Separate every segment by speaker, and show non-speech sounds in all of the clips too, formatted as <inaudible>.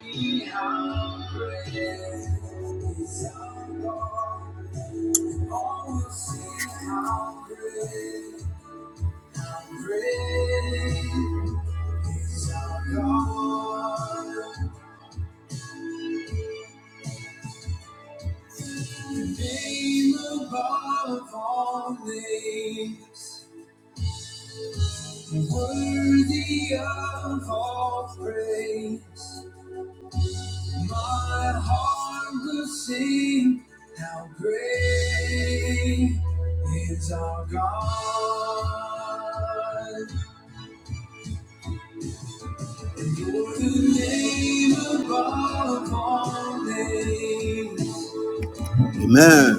Speaker 1: Be hungry, desire. Oh, we'll see how great, how great is our God. The name above all names, worthy of all praise. My heart will sing how great is our God. And you the name above all names. Amen.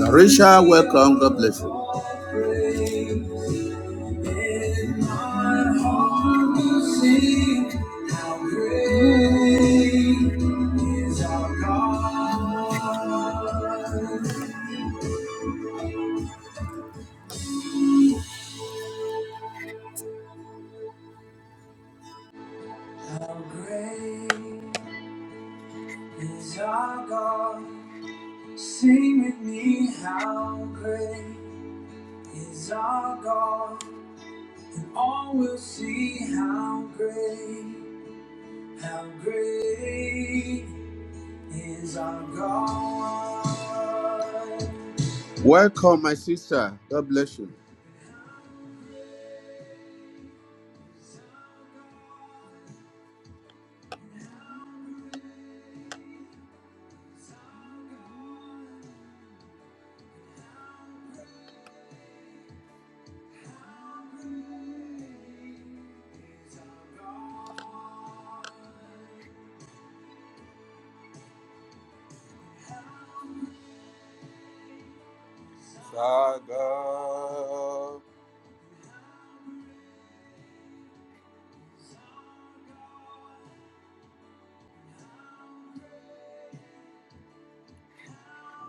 Speaker 1: Sarisha, welcome. God bless you. Let my heart sing, how great is our God. How great is our God. Sing with me, how great is our God. And all will see how great, how great is our God. Welcome, my sister. God bless you.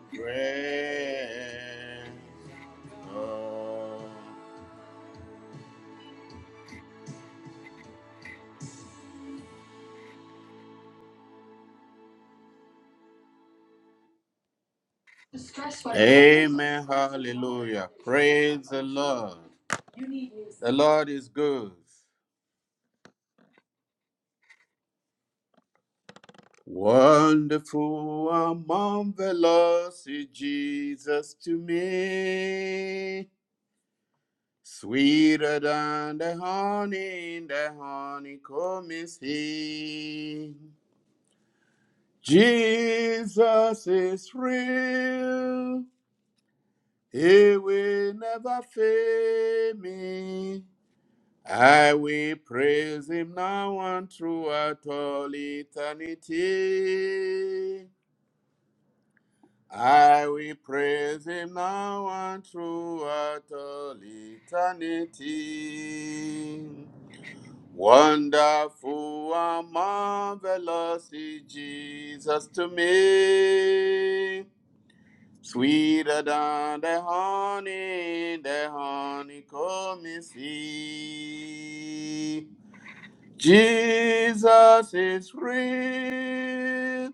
Speaker 1: Praise God. Amen. Hallelujah. Praise the Lord. The Lord is good. Wonderful and marvelous is Jesus to me. Sweeter than the honey, in the honeycomb is he. Jesus is real. He will never fail me. I will praise him now and throughout all eternity. I will praise him now and throughout all eternity. Wonderful and marvelous is Jesus to me. Sweeter than the honey, the honeycomb is he. Jesus is real.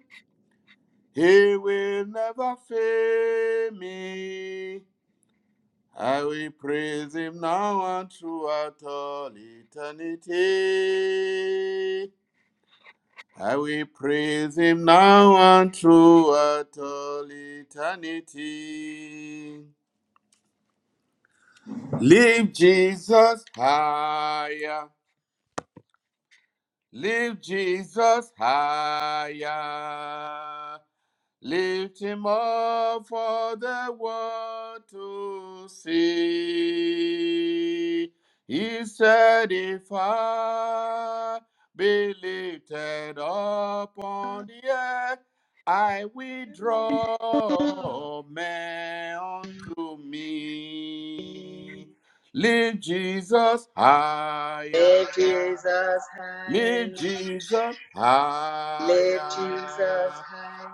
Speaker 1: He will never fail me. I will praise him now and throughout all eternity. I will praise him now and throughout all eternity. Lift Jesus higher. Lift Jesus higher. Lift him up for the world to see. He said, If I be lifted up on the earth, I will draw men unto me.
Speaker 2: Lift
Speaker 1: Lift Jesus higher.
Speaker 2: Jesus high,
Speaker 1: Lift Jesus
Speaker 2: lift Jesus
Speaker 1: higher.
Speaker 2: high,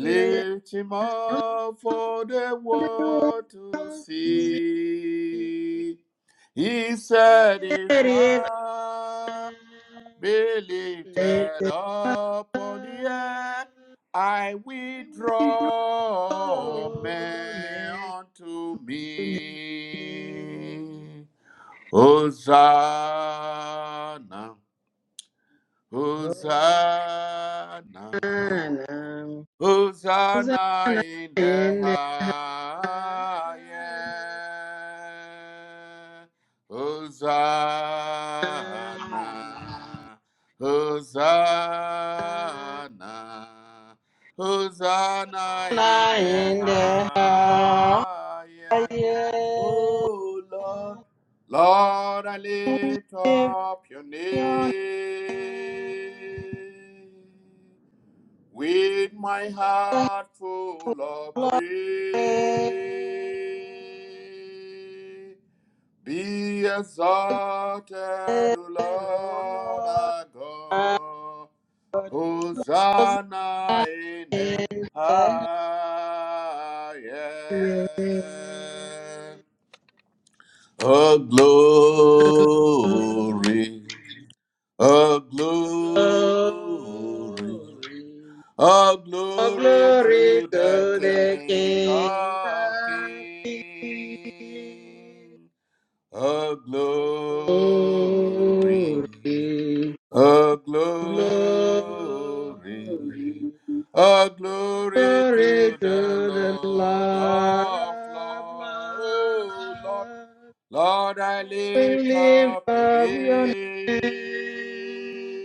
Speaker 2: lift
Speaker 1: him
Speaker 2: on
Speaker 1: up for the
Speaker 2: the world.
Speaker 1: world to
Speaker 2: He
Speaker 1: see. He said,
Speaker 2: said,
Speaker 1: If
Speaker 2: if I
Speaker 1: I be
Speaker 2: lift
Speaker 1: lifted
Speaker 2: it
Speaker 1: up on the
Speaker 2: up,
Speaker 1: air, I
Speaker 2: I
Speaker 1: will
Speaker 2: will draw
Speaker 1: draw men
Speaker 2: men
Speaker 1: unto
Speaker 2: to me.
Speaker 1: me. Hosanna. Hosanna,
Speaker 2: Hosanna,
Speaker 1: Hosanna
Speaker 2: Hosanna
Speaker 1: in the
Speaker 2: in the
Speaker 1: highest.
Speaker 2: highest.
Speaker 1: Hosanna, Hosanna,
Speaker 2: Anna
Speaker 1: Hosanna in the
Speaker 2: in the house.
Speaker 1: highest. Oh Lord, Lord, I lift
Speaker 2: Give
Speaker 1: up your name
Speaker 2: your name
Speaker 1: with my
Speaker 2: the
Speaker 1: heart full of
Speaker 2: glory.
Speaker 1: praise. Be exalted,
Speaker 2: O
Speaker 1: O Lord
Speaker 2: Lord,
Speaker 1: our
Speaker 2: our
Speaker 1: God.
Speaker 2: God, was
Speaker 1: Hosanna in the
Speaker 2: in the highest.
Speaker 1: highest. A glory, a glory,
Speaker 2: Glory.
Speaker 1: a
Speaker 2: All
Speaker 1: glory
Speaker 2: glory
Speaker 1: to the
Speaker 2: to the
Speaker 1: King
Speaker 2: King
Speaker 1: of
Speaker 2: of Kings.
Speaker 1: Kings. A glory,
Speaker 2: Oh,
Speaker 1: a
Speaker 2: Glory, oh, glory,
Speaker 1: glory, a
Speaker 2: oh,
Speaker 1: glory
Speaker 2: glory
Speaker 1: to
Speaker 2: to
Speaker 1: the
Speaker 2: the Lord
Speaker 1: Lord of
Speaker 2: of
Speaker 1: Lords. Oh, Lord
Speaker 2: Lords.
Speaker 1: Lord,
Speaker 2: I
Speaker 1: I
Speaker 2: will
Speaker 1: lift up
Speaker 2: lift
Speaker 1: your
Speaker 2: up
Speaker 1: name
Speaker 2: your name.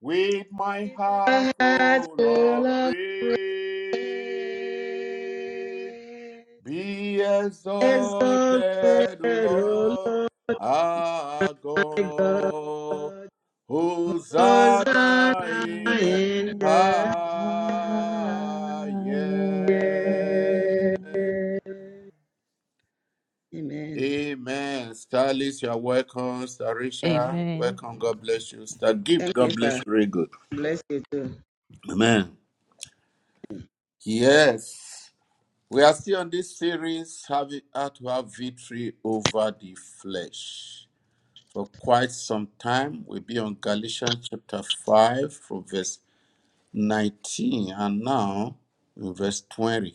Speaker 1: with my
Speaker 2: With a
Speaker 1: heart
Speaker 2: heart
Speaker 1: full of
Speaker 2: full of
Speaker 1: praise.
Speaker 2: praise.
Speaker 1: Be exalted,
Speaker 2: Exalted,
Speaker 1: O
Speaker 2: O
Speaker 1: Lord,
Speaker 2: Lord
Speaker 1: our
Speaker 2: my God,
Speaker 1: God. Hosanna
Speaker 2: Hosanna
Speaker 1: in the
Speaker 2: in
Speaker 3: in the
Speaker 2: the
Speaker 1: highest.
Speaker 2: highest.
Speaker 3: highest.
Speaker 2: Amen.
Speaker 1: Amen. Starlis. you are welcome. Starisha,
Speaker 3: Amen.
Speaker 1: welcome. God bless you. Star Gift,
Speaker 2: Thank you,
Speaker 1: God bless
Speaker 2: sir.
Speaker 1: you. Very good.
Speaker 2: Bless you too.
Speaker 1: Amen. Yes. We are still on this series, having how to have victory over the flesh. For quite some time, we'll be on Galatians chapter 5 from verse 19 and now in verse 20.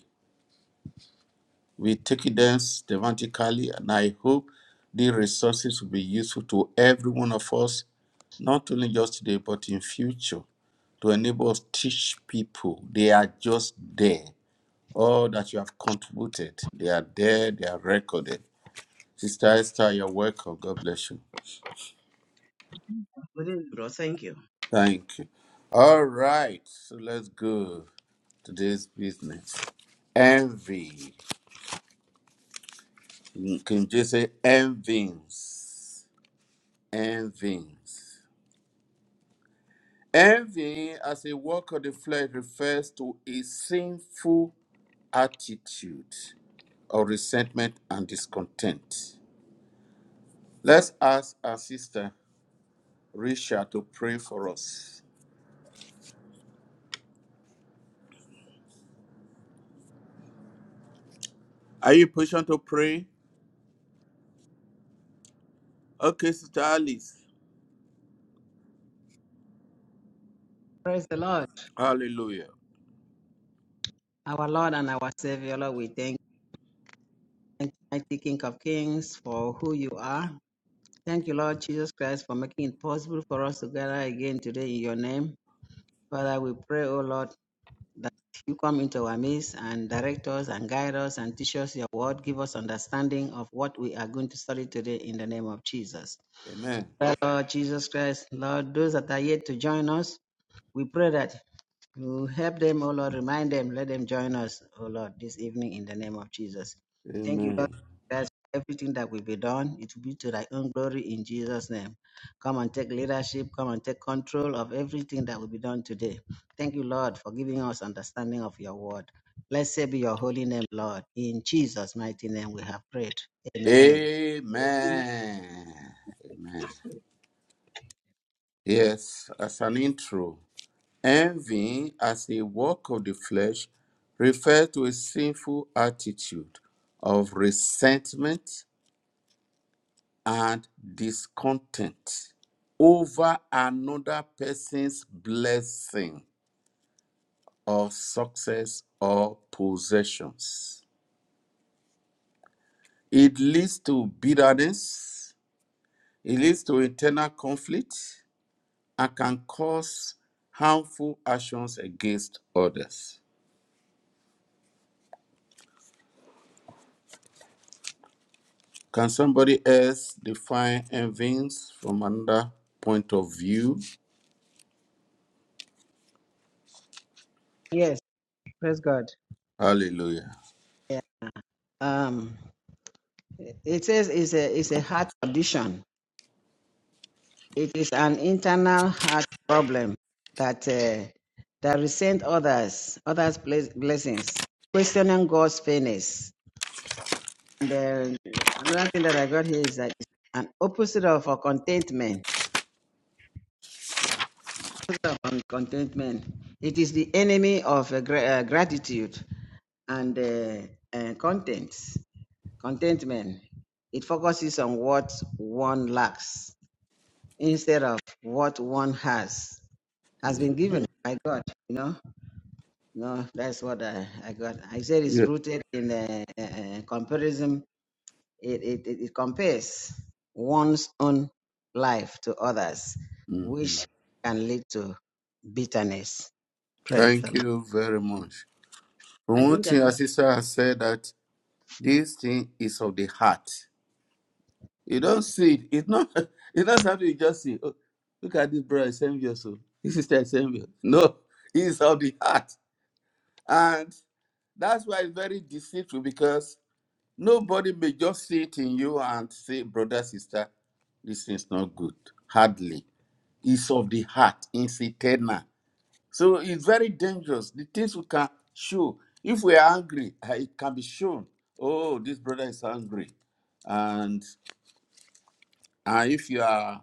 Speaker 1: We take it down systematically, and I hope these resources will be useful to every one of us, not only just today, but in future, to enable us to teach people. They are just there. All that you have contributed, they are there, they are recorded. Sister Esther, you're welcome. God bless you.
Speaker 4: Good evening, bro. Thank you.
Speaker 1: Thank you. All right, so let's go to this business. Envy. Can you just say envyings? Envyings. Envy, as a work of the flesh, refers to a sinful attitude of resentment and discontent. Let's ask our sister Risha to pray for us. Are you patient to pray? Okay, Sister Alice.
Speaker 2: Praise the Lord,
Speaker 1: Hallelujah.
Speaker 2: our Lord and our Savior. Lord, we thank you, mighty King of Kings, for who you are. Thank you, Lord Jesus Christ, for making it possible for us to gather again today in your name. Father, we pray, O Lord. that you come into our midst and direct us and guide us and teach us your word. Give us understanding of what we are going to study today in the name of Jesus.
Speaker 1: Amen.
Speaker 2: Lord Jesus Christ, Lord, those that are yet to join us, we pray that you help them, oh Lord. Remind them. Let them join us, oh Lord, this evening in the name of Jesus. Thank you, Lord.
Speaker 1: Amen.
Speaker 2: That's everything that will be done. It will be to thy own glory in Jesus' name. Come and take leadership. Come and take control of everything that will be done today. Thank you, Lord, for giving us understanding of your word. Blessed be your holy name, Lord. In Jesus' mighty name we have prayed. Amen.
Speaker 1: Amen. Amen. Yes, as an intro. Envy, as a work of the flesh, refers to a sinful attitude of resentment and discontent over another person's blessing or success or possessions. It leads to bitterness, it leads to internal conflict, and can cause harmful actions against others. Can somebody else define envyings from another point of view?
Speaker 2: Yes, praise God.
Speaker 1: Hallelujah.
Speaker 2: Um, it says it's a it's a heart condition It is an internal heart problem that uh, that resent others, others' bless- blessings, questioning God's fairness. And uh, another thing that I got here is that it's an opposite of uh, contentment. Opposite of um, contentment. It is the enemy of uh, gra- uh, gratitude and uh, uh, content. Contentment. It focuses on what one lacks instead of what one has has been given by God. You know No, that's what I, I got. I said it's
Speaker 1: Yeah.
Speaker 2: rooted in a, uh uh, comparison. It, it, it, it compares one's own life to others,
Speaker 1: hmm
Speaker 2: which can lead to bitterness. Praise
Speaker 1: Thank
Speaker 2: the
Speaker 1: you very much.
Speaker 4: I
Speaker 1: From one
Speaker 4: think I
Speaker 1: thing,
Speaker 4: have,
Speaker 1: our sister has said that this thing is of the heart. You don't see it. It's not. <laughs> It's not something you just see. Oh, look at this brother is envious. oh. This sister is envious. <laughs> No, it's of the heart, and that's why it's very deceitful because Nobody may just see it in you and say, brother, sister, this is not good. Hardly. It's of the heart, it's eternal. So it's very dangerous. The things we can show. If we are angry, eh, it can be shown. Oh, this brother is angry. And and if you are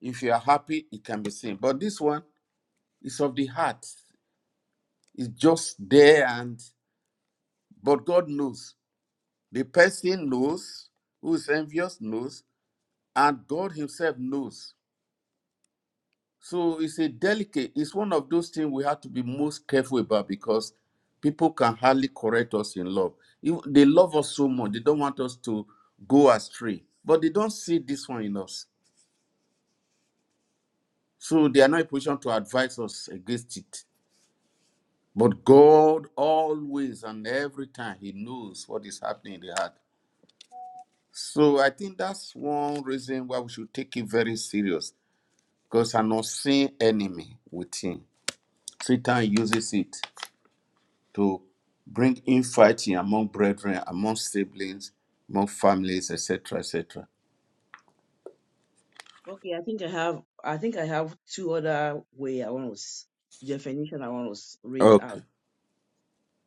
Speaker 1: if you are happy, it can be seen. But this one is of the heart. It's just there and but God knows. The person knows who is envious knows, and God Himself knows. So it's a delicate, it's one of those things we have to be most careful about because people can hardly correct us in love. If- They love us so much, they don't want us to go astray, but they don't see this one in us. So they are not in position to advise us against it. But God always and every time, He knows what is happening in the heart. So I think that's one reason why we should take it very serious because an unseen enemy within. Satan uses it to bring infighting among brethren, among siblings, among families, etc., etc.
Speaker 4: okay. I think I have. I think I have two other way I want to s- definition. I want to s- read
Speaker 1: Okay.
Speaker 4: out.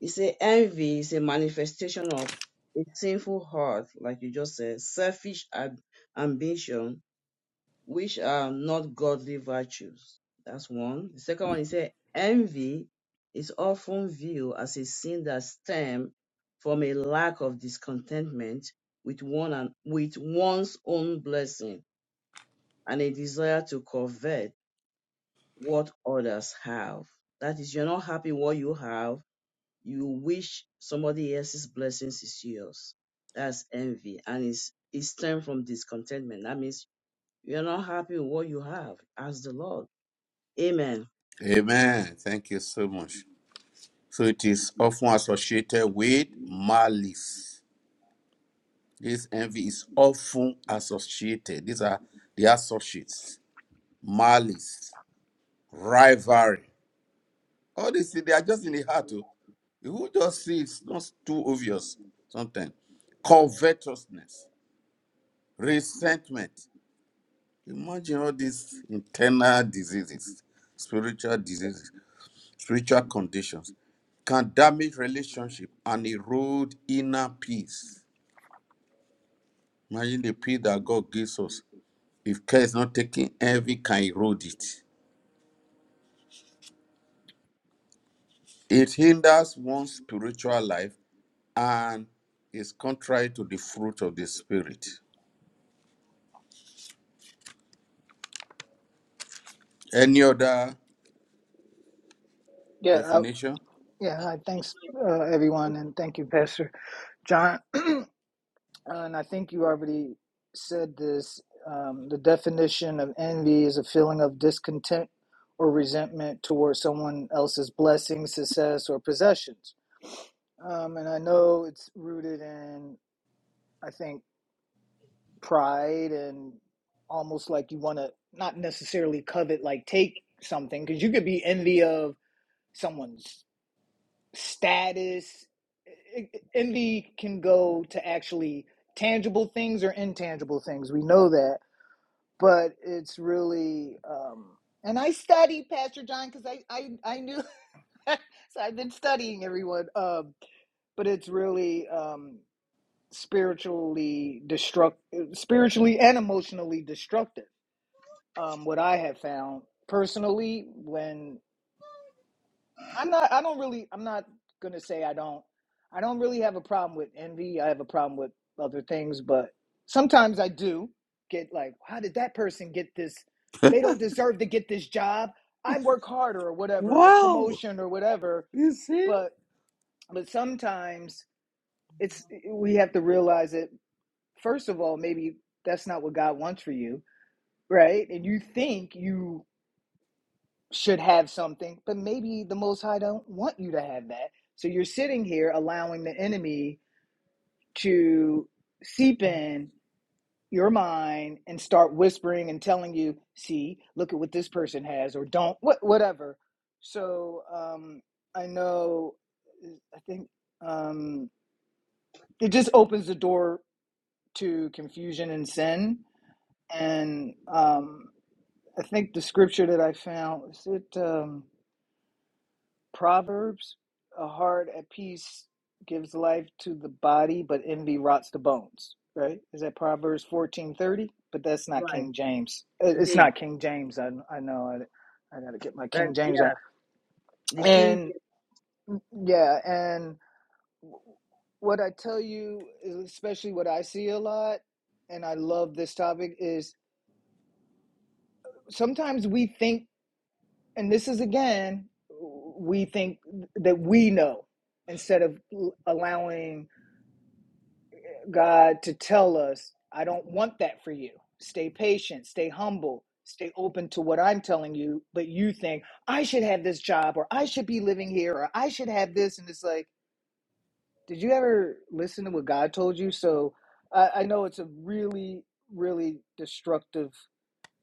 Speaker 4: It's a envy. It's a manifestation of a sinful heart, like you just said, selfish ab- ambition, which are not godly virtues. That's one. The second one he said, envy is often viewed as a sin that stems from a lack of discontentment with one and with one's own blessing and a desire to covet what others have. That is, you're not happy what you have. You wish somebody else's blessings is yours. That's envy, and it's it stems from discontentment. That means you're not happy with what you have. Ask the Lord Amen.
Speaker 1: Amen. Thank you so much. So it is often associated with malice. This envy is often associated. These are the associates. Malice, rivalry. All these things, they are just in the heart. oh. You just sees? not too obvious sometimes. Covetousness, resentment. Imagine all these internal diseases, spiritual diseases, spiritual conditions can damage relationship and erode inner peace. Imagine the peace that God gives us. If care is not taken, envy can erode it. It hinders one's spiritual life and is contrary to the fruit of the spirit. Any other
Speaker 5: Yeah, I,
Speaker 1: definition?
Speaker 5: yeah. hi, Thanks, uh, everyone, and thank you, Pastor John. <clears throat> and I think you already said this. Um, the definition of envy is a feeling of discontent or resentment towards someone else's blessings, success, or possessions. Um, and I know it's rooted in, I think, pride and almost like you want to not necessarily covet, like take something, because you could be envy of someone's. status. Envy can go to actually tangible things or intangible things. We know that, but it's really. Um, and I studied Pastor John because I, I I knew, <laughs> so I've been studying everyone. Um, but it's really um, spiritually destruct, spiritually and emotionally destructive. Um, what I have found personally when. I'm not. I don't really. I'm not gonna say I don't. I don't really have a problem with envy. I have a problem with other things, but sometimes I do get like, how did that person get this? They don't deserve to get this job. I work harder or whatever, the promotion or whatever.
Speaker 1: You see,
Speaker 5: But but sometimes it's we have to realize that first of all, maybe that's not what God wants for you, right? And you think you should have something, but maybe the Most High don't want you to have that. So you're sitting here allowing the enemy to seep in your mind and start whispering and telling you, "See, look at what this person has," or "Don't," what, whatever. So um, I know, uh, I think um, it just opens the door to confusion and sin, and um, I think the scripture that I found is it. Um, Proverbs, a heart at peace gives life to the body, but envy rots the bones. Right? Is that Proverbs fourteen thirty? But that's not
Speaker 4: Right.
Speaker 5: King James.
Speaker 4: It
Speaker 5: It's
Speaker 4: is.
Speaker 5: not King James. I I know. I, I got to get my
Speaker 4: That,
Speaker 5: King James
Speaker 4: yeah.
Speaker 5: out.
Speaker 4: The king.
Speaker 5: And yeah, and what I tell you, especially what I see a lot, and I love this topic, is sometimes we think, and this is again, we think that we know instead of allowing God to tell us, I don't want that for you. Stay patient, stay humble, stay open to what I'm telling you. But you think, I should have this job, or I should be living here, or I should have this. And it's like, did you ever listen to what God told you? So I, I know it's a really, really destructive,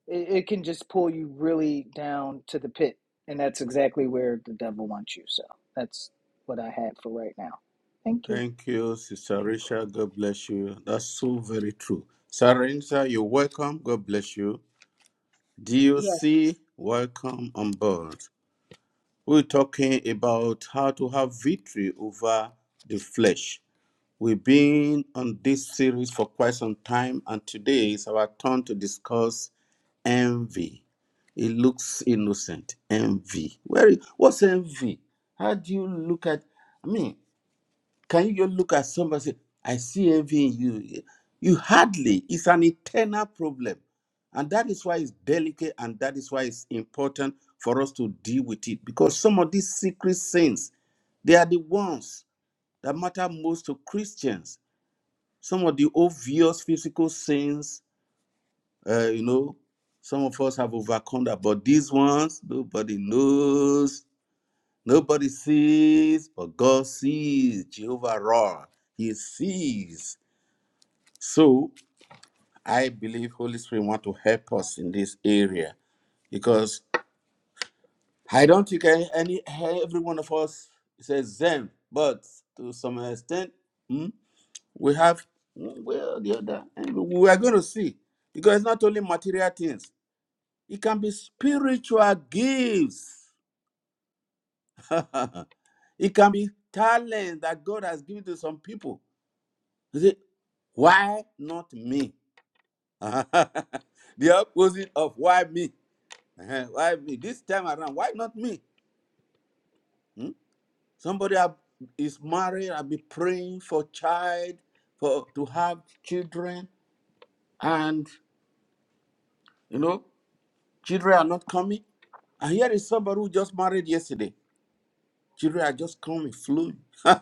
Speaker 5: it, it can just pull you really down to the pit. And that's exactly where the devil wants you. So that's what I had for right now. Thank you.
Speaker 1: Thank you, Sister
Speaker 4: gave him.
Speaker 1: Risha. God bless you. That's so very true. Sarenza, you're welcome. God bless you.
Speaker 4: Yeah.
Speaker 1: DOC, welcome on board. We're talking about how to have victory over the flesh. We've been on this series for quite some time, and today is our turn to discuss envy. It looks innocent. Envy. Where? What's envy? How do you look at? I mean, can you just look at somebody and say, I see envy in you? You hardly, it's an internal problem. And that is why it's delicate and that is why it's important for us to deal with it. Because some of these secret sins, they are the ones that matter most to Christians. Some of the obvious physical sins, uh, you know, some of us have overcome that, but these ones, nobody knows, nobody sees, but God sees, Jehovah Ra, He sees So I believe Holy Spirit want to help us in this area because I don't think any, any every one of us is a but to some extent, hmm, we have hmm, well the other. And we are going to see because it's not only material things; it can be spiritual gifts. <laughs> it can be talent that God has given to some people. You see, why not me? <laughs> the opposite of why me uh Why me? This time around, why not me? Hmm? Somebody I- is married, I'll be praying for child, for to have children, and you know, children are not coming. And here is somebody who just married yesterday. Children are just coming, flowing. <laughs>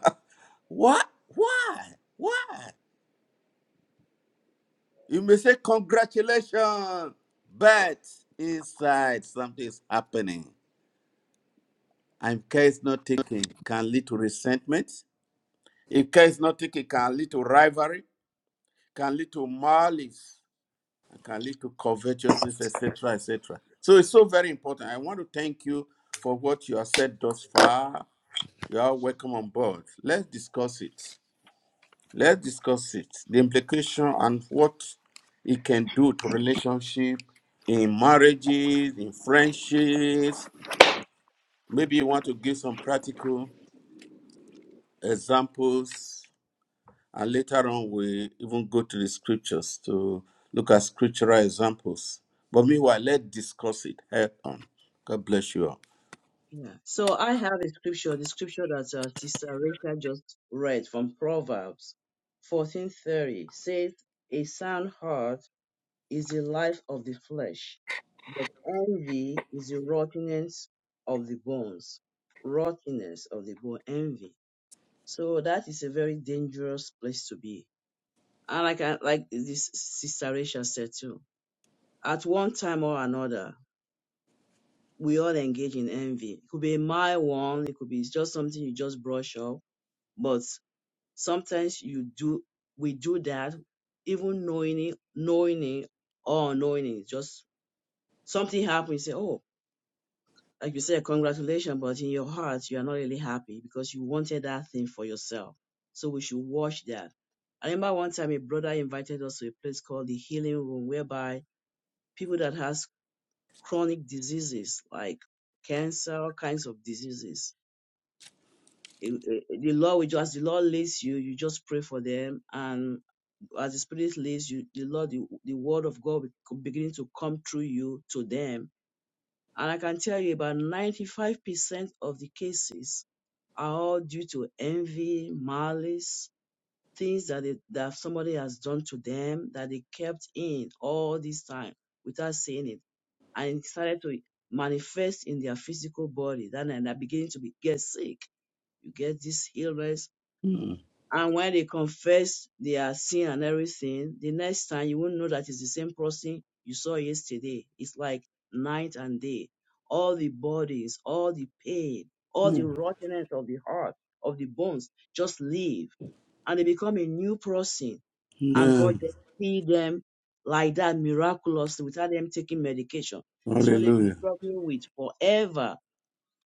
Speaker 1: What? Why? Why? You may say congratulations, but inside something is happening. And care is not taken can lead to resentment, If care is not taken, it can lead to rivalry, can lead to malice, and can lead to covetousness, etc., etc. So it's so very important. I want to thank you for what you have said thus far. You are welcome on board. Let's discuss it. Let's discuss it. The implication and what it can do to relationship in marriages, in friendships. Maybe you want to give some practical examples And later on, we even go to the scriptures to look at scriptural examples. But meanwhile, let's discuss it head on. God bless you all.
Speaker 4: Yeah. So I have a scripture, the scripture that uh, Sister Rachel just read from Proverbs 14:30 says, "A sound heart is the life of the flesh, but envy is the rottenness of the bones." Rottenness of the bone, envy. So that is a very dangerous place to be. And like I, like this Sister Rachel said too. at one time or another, we all engage in envy. It could be a mild one, it could be it's just something you just brush off. But sometimes you do we do that even knowing it, knowing it or unknowing it. Just something happens, you say, Oh, like you said, congratulations, but in your heart you are not really happy because you wanted that thing for yourself. So we should watch that. I remember one time a brother invited us to a place called the Healing Room, whereby people that has chronic diseases like cancer, all kinds of diseases. In- eh, The Lord will just, the Lord leads you, you just pray for them. And as the Spirit leads you, the Lord, the, the word of God will begin to come through you to them. And I can tell you about 95% of the cases are all due to envy, malice, things that, they, that somebody has done to them that they kept in all this time without saying it and it started to manifest in their physical body. Then they begin to be get sick. You get this illness.
Speaker 1: Mm,
Speaker 4: And when they confess their sin and everything, the next time you won't know that it's the same person you saw yesterday. It's like night and day. All the bodies, all the pain, all the
Speaker 1: mm,
Speaker 4: rottenness of the heart, of the bones, just leave. And they become a new person and God
Speaker 1: Amen.
Speaker 4: just healed them like that miraculously without them taking medication. This is what they've been
Speaker 1: Hallelujah.
Speaker 4: struggling with forever.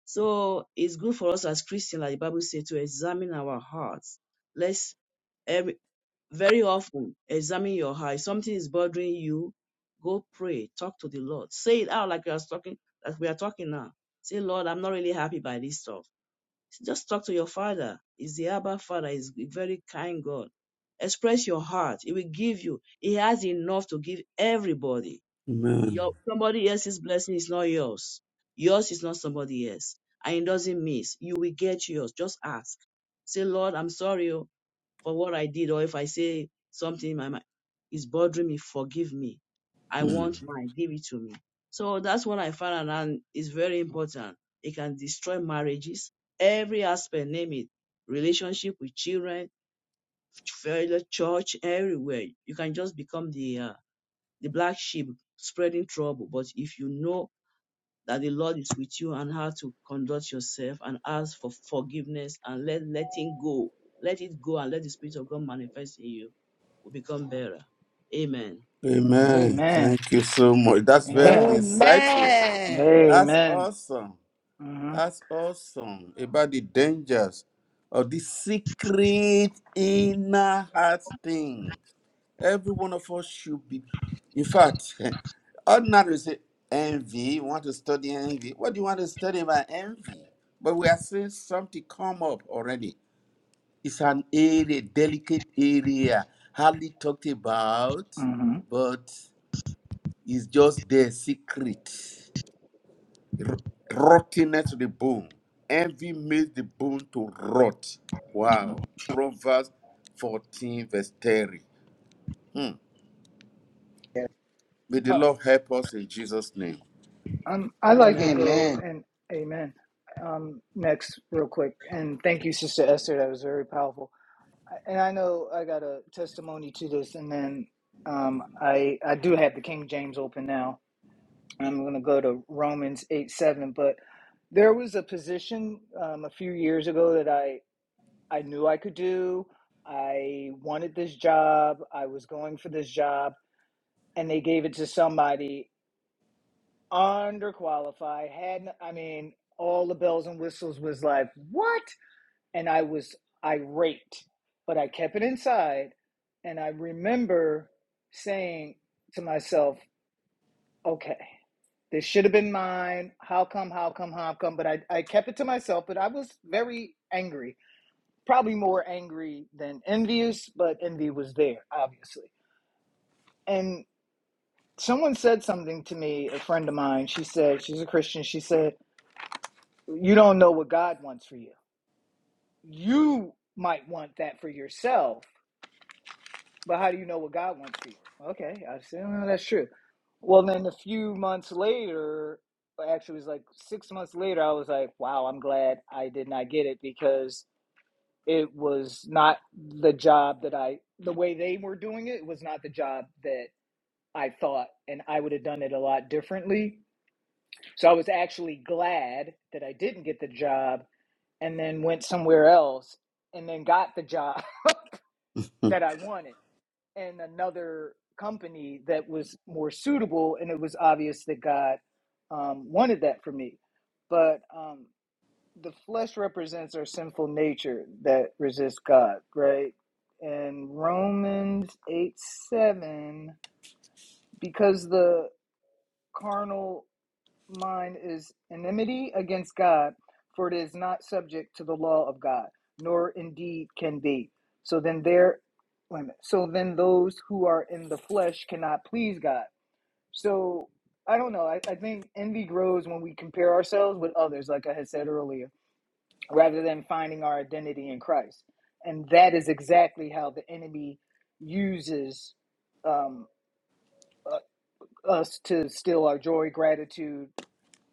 Speaker 4: So it's good for us as Christians, like the Bible says, to examine our hearts. Let's every, very often examine your heart. If something is bothering you, go pray, talk to the Lord. Say it out like you are talking, like we are talking now. Say, Lord, I'm not really happy by this stuff. Just talk to your father. He's the Abba Father. He's a very kind God. Express your heart. He will give you. He has enough to give everybody.
Speaker 1: Amen.
Speaker 4: Your somebody else's blessing is not yours. Yours is not somebody else. And it doesn't miss. You will get yours. Just ask. Say, Lord, I'm sorry. oh for what I did, or if I say something in my mind is bothering me, forgive me. I
Speaker 1: Mm.
Speaker 4: want mine, give it to me. So that's what I found, out, and it's very important. It can destroy marriages, every aspect, name it, relationship with children, failure, church, everywhere. You can just become the uh, the black sheep spreading trouble. But if you know that the Lord is with you and how to conduct yourself and ask for forgiveness and let letting go. Let it go and let the Spirit of God manifest in you. Will become better. Amen.
Speaker 1: Amen.
Speaker 5: Amen.
Speaker 1: Thank you so much. That's very
Speaker 5: Yeah.
Speaker 1: insightful.
Speaker 6: Amen.
Speaker 1: That's
Speaker 5: Amen.
Speaker 1: awesome.
Speaker 5: hmm
Speaker 1: That's awesome about the dangers of the secret inner heart thing. Every one of us should be. In fact, <laughs> ordinarily say envy. You want to study envy? What do you want to study about envy? But we are seeing something come up already. It's an area, delicate area, hardly talked about,
Speaker 5: hmm
Speaker 1: but it's just their secret. R- rottenness to the bone. Envy makes the bone to rot.
Speaker 5: hmm
Speaker 1: Wow. Proverbs 14, verse 30. Hmm.
Speaker 2: Lord.
Speaker 1: May the
Speaker 5: Uh,
Speaker 1: Lord help us in Jesus' name.
Speaker 5: um, I like
Speaker 4: Amen.
Speaker 5: to go
Speaker 2: Amen.
Speaker 5: and amen. Um, next, real quick, and thank you, Sister Esther. That was very powerful. I- And I know I got a testimony to this, and then um, I I do have the King James open now. I'm going to go to Romans eight seven. But there was a position um, a few years ago that I I knew I could do. I wanted this job. I was going for this job and they gave it to somebody underqualified. Had I mean, all the bells and whistles was like what, and I was irate, but I kept it inside, and I remember saying to myself, "Okay, this should have been mine. How come? How come? How come?" But I I kept it to myself. But I was very angry, probably more angry than envious, but envy was there obviously, and. Someone said something to me, a friend of mine. She said, she's a Christian. She said, You don't know what God wants for you. You might want that for yourself, but how do you know what God wants for you? Okay, I said, oh, that's true. Well, then a few months later, well, actually, it was like six months later, I was like, wow, I'm glad I did not get it because it was not the job that I, the way they were doing it was not the job that I thought, and I would have done it a lot differently. So I was actually glad that I didn't get the job and then went somewhere else and then got the job <laughs> that I wanted in another company that was more suitable. And it was obvious that God um, wanted that for me. But um, the flesh represents our sinful nature that resists God, right? And Romans 8 7, because the carnal mine is enmity against God, for it is not subject to the law of God, nor indeed can be. So then there wait a minute. so then those who are in the flesh cannot please God. So I don't know. I, I think envy grows when we compare ourselves with others, like I had said earlier, rather than finding our identity in Christ. And that is exactly how the enemy uses um, uh, us to steal our joy, gratitude,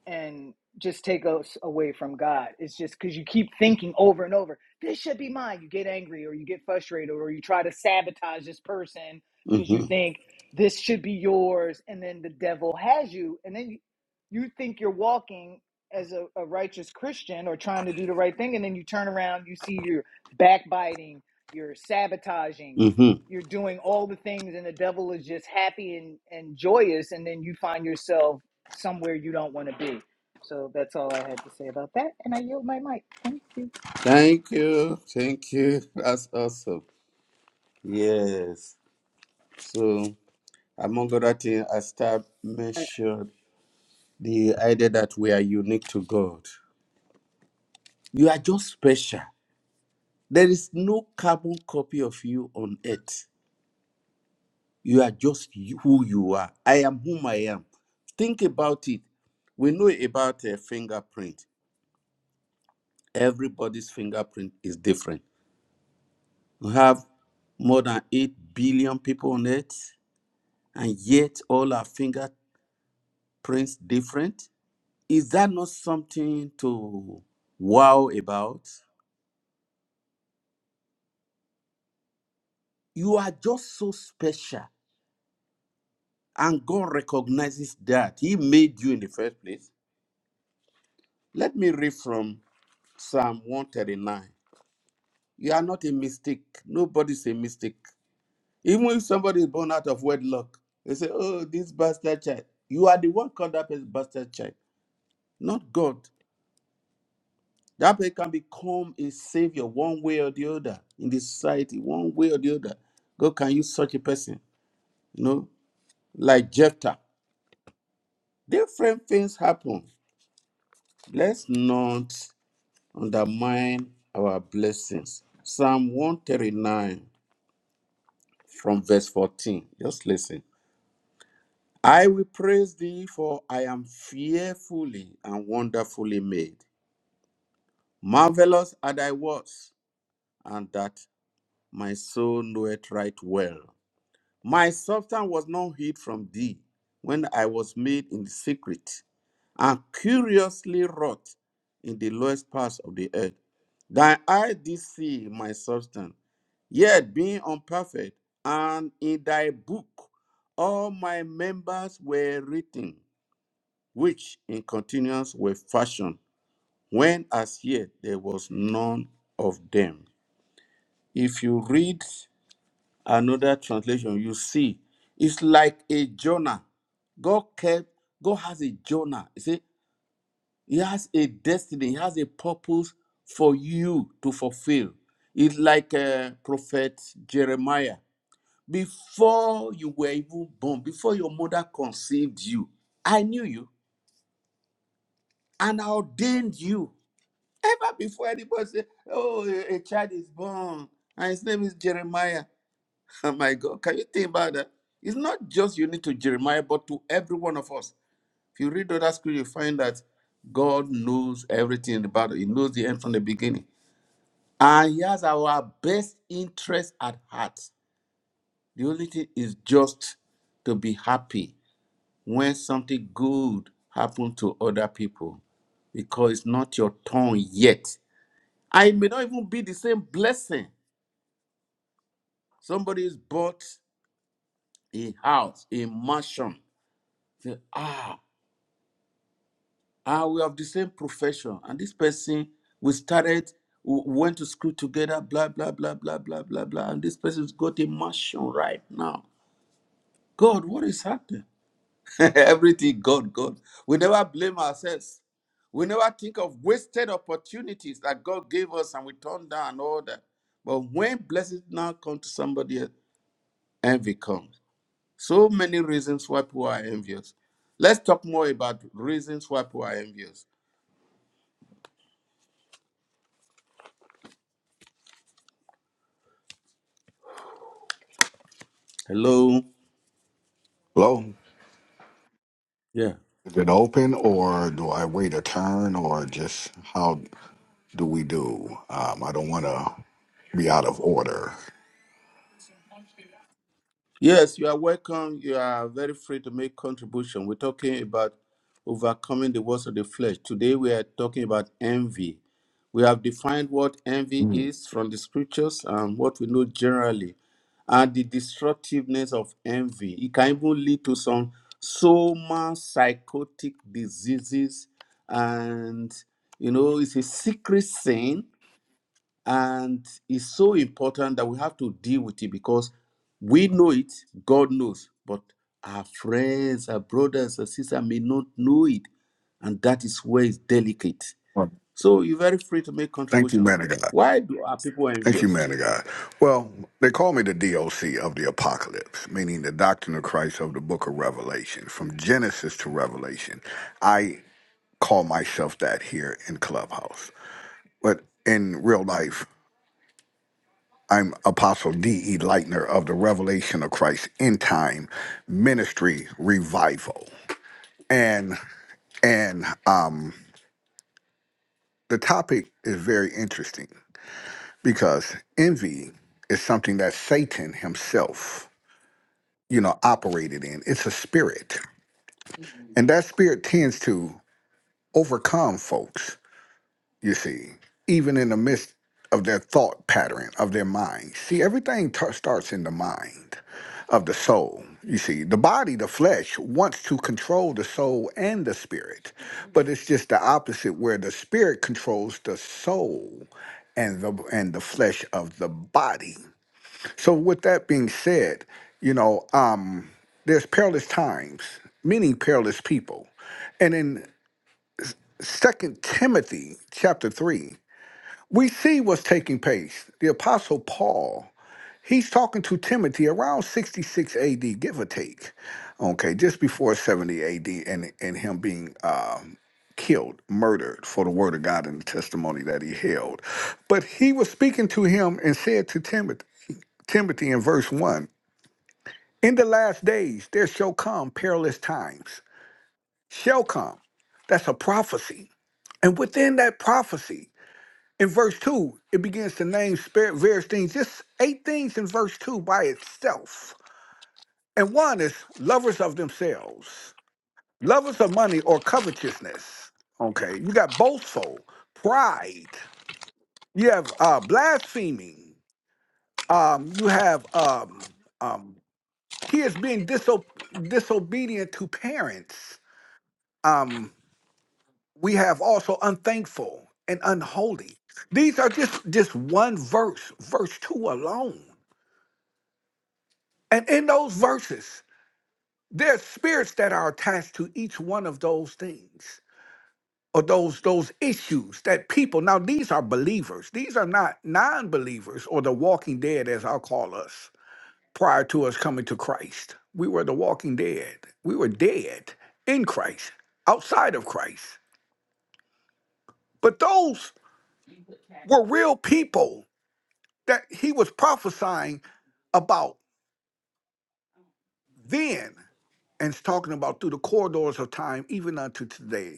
Speaker 5: and just take us away from God. It's just because you keep thinking over and over, this should be mine. You get angry or you get frustrated or you try to sabotage this person because you
Speaker 1: hmm
Speaker 5: think this should be yours. And then the devil has you. And then you, you think you're walking as a, a righteous Christian or trying to do the right thing. And then you turn around, you see you're backbiting, you're sabotaging.
Speaker 1: hmm
Speaker 5: You're doing all the things, and the devil is just happy and, and joyous. And then you find yourself somewhere you don't want to be. So that's all I had to say about that. And I yield my mic. Thank you.
Speaker 1: Thank you. Thank you. That's awesome. Yes. So, among other things, I start mentioned the idea that we are unique to God. You are just special. There is no carbon copy of you on earth. You are just you- who you are. I am whom I am. Think about it. We know about a fingerprint. Everybody's fingerprint is different. We have more than 8 billion people on earth. and yet all our fingerprints different is that not something to wow about you are just so special and god recognizes that he made you in the first place let me read from psalm 139 you are not a mistake nobody's a mistake even if somebody is born out of wedlock they say oh this bastard child you are the one called up as bastard child not god That person can become a savior one way or the other in the society, one way or the other. God can use such a person, you know, like Jephthah. Different things happen. Let's not undermine our blessings. Psalm 139 from verse 14. Just listen. I will praise thee, for I am fearfully and wonderfully made. Marvelous are thy works, and that my soul knoweth right well. My substance was not hid from thee when I was made in secret and curiously wrought in the lowest parts of the earth. Thine eye did see my substance, yet being unperfect, and in thy book all my members were written, which in continuance were fashioned, when as yet there was none of them. If you read Another translation, you see, it's like a Jonah. God kept, God has a Jonah. You see, He has a destiny, He has a purpose for you to fulfill. It's like uh, Prophet Jeremiah. Before you were even born, before your mother conceived you, I knew you and I ordained you. Ever before anybody said, Oh, a a child is born and his name is Jeremiah. Oh my God, can you think about that? It's not just unique to Jeremiah, but to every one of us. If you read other scripture, you find that God knows everything about it. He knows the end from the beginning. And He has our best interest at heart. The only thing is just to be happy when something good happens to other people because it's not your turn yet. I may not even be the same blessing. Somebody's bought a house, a mansion. Say, ah, and we have the same profession. And this person, we started, we went to school together, blah, blah, blah, blah, blah, blah, blah. And this person's got a mansion right now. God, what is happening? <laughs> Everything, God, God. We never blame ourselves. We never think of wasted opportunities that God gave us and we turned down and all that. But when blessings now come to somebody else, envy comes. So many reasons why people are envious. Let's talk more about reasons why people are envious. Hello.
Speaker 7: Hello?
Speaker 1: Yeah.
Speaker 7: Is it open or do I wait a turn or just how do we do? Um, I don't want to be out of order.
Speaker 1: Yes, you are welcome. You are very free to make contribution. We're talking about overcoming the works of the flesh. Today we are talking about envy. We have defined what envy
Speaker 7: Mm.
Speaker 1: is from the scriptures and what we know generally, and the destructiveness of envy. It can even lead to some soma psychotic diseases, and you know it's a secret sin and it's so important that we have to deal with it because we know it god knows but our friends our brothers our sisters may not know it and that is where it's delicate
Speaker 7: Well,
Speaker 1: so you're very free to make
Speaker 7: thank you,
Speaker 1: contribution
Speaker 7: man of God.
Speaker 1: why do our people
Speaker 7: Thank you,
Speaker 1: envious
Speaker 7: man of God. Well, they call me the DOC of the apocalypse, meaning the doctrine of Christ of the book of Revelation. From Genesis to Revelation, I call myself that here in Clubhouse. But in real life, I'm Apostle D.E. Lightner of the Revelation of Christ End Time Ministry Revival. And and um, the topic is very interesting because envy is something that Satan himself, you know, operated in. It's a spirit. And that spirit tends to overcome folks you see, even in the midst of their thought pattern, of their mind. See, everything t- starts in the mind of the soul. You see, the body, the flesh, wants to control the soul and the spirit, but it's just the opposite where the spirit controls the soul and the and the flesh of the body. So with that being said, you know, um, there's perilous times, many perilous people. And in Second Timothy chapter 3, we see what's taking place. The Apostle Paul, he's talking to Timothy around 66 AD, give or take, okay, just before 70 AD, and, and him being um, killed, murdered for the word of God and the testimony that he held. But he was speaking to him and said to Timothy, Timothy in verse 1 In the last days there shall come perilous times, shall come. That's a prophecy. And within that prophecy, in verse 2, it begins to name spirit various things, just eight things in verse 2 by itself. And one is lovers of themselves, lovers of money or covetousness. Okay, you got boastful, pride, you have uh, blaspheming, um, you have um, um, kids being diso- disobedient to parents. Um, we have also unthankful and unholy. These are just just one verse, verse two alone. And in those verses, there are spirits that are attached to each one of those things or those those issues that people now these are believers. These are not non-believers or the walking dead as I'll call us prior to us coming to Christ. We were the walking dead. We were dead in Christ, outside of Christ. But those were real people that he was prophesying about then and talking about through the corridors of time even unto today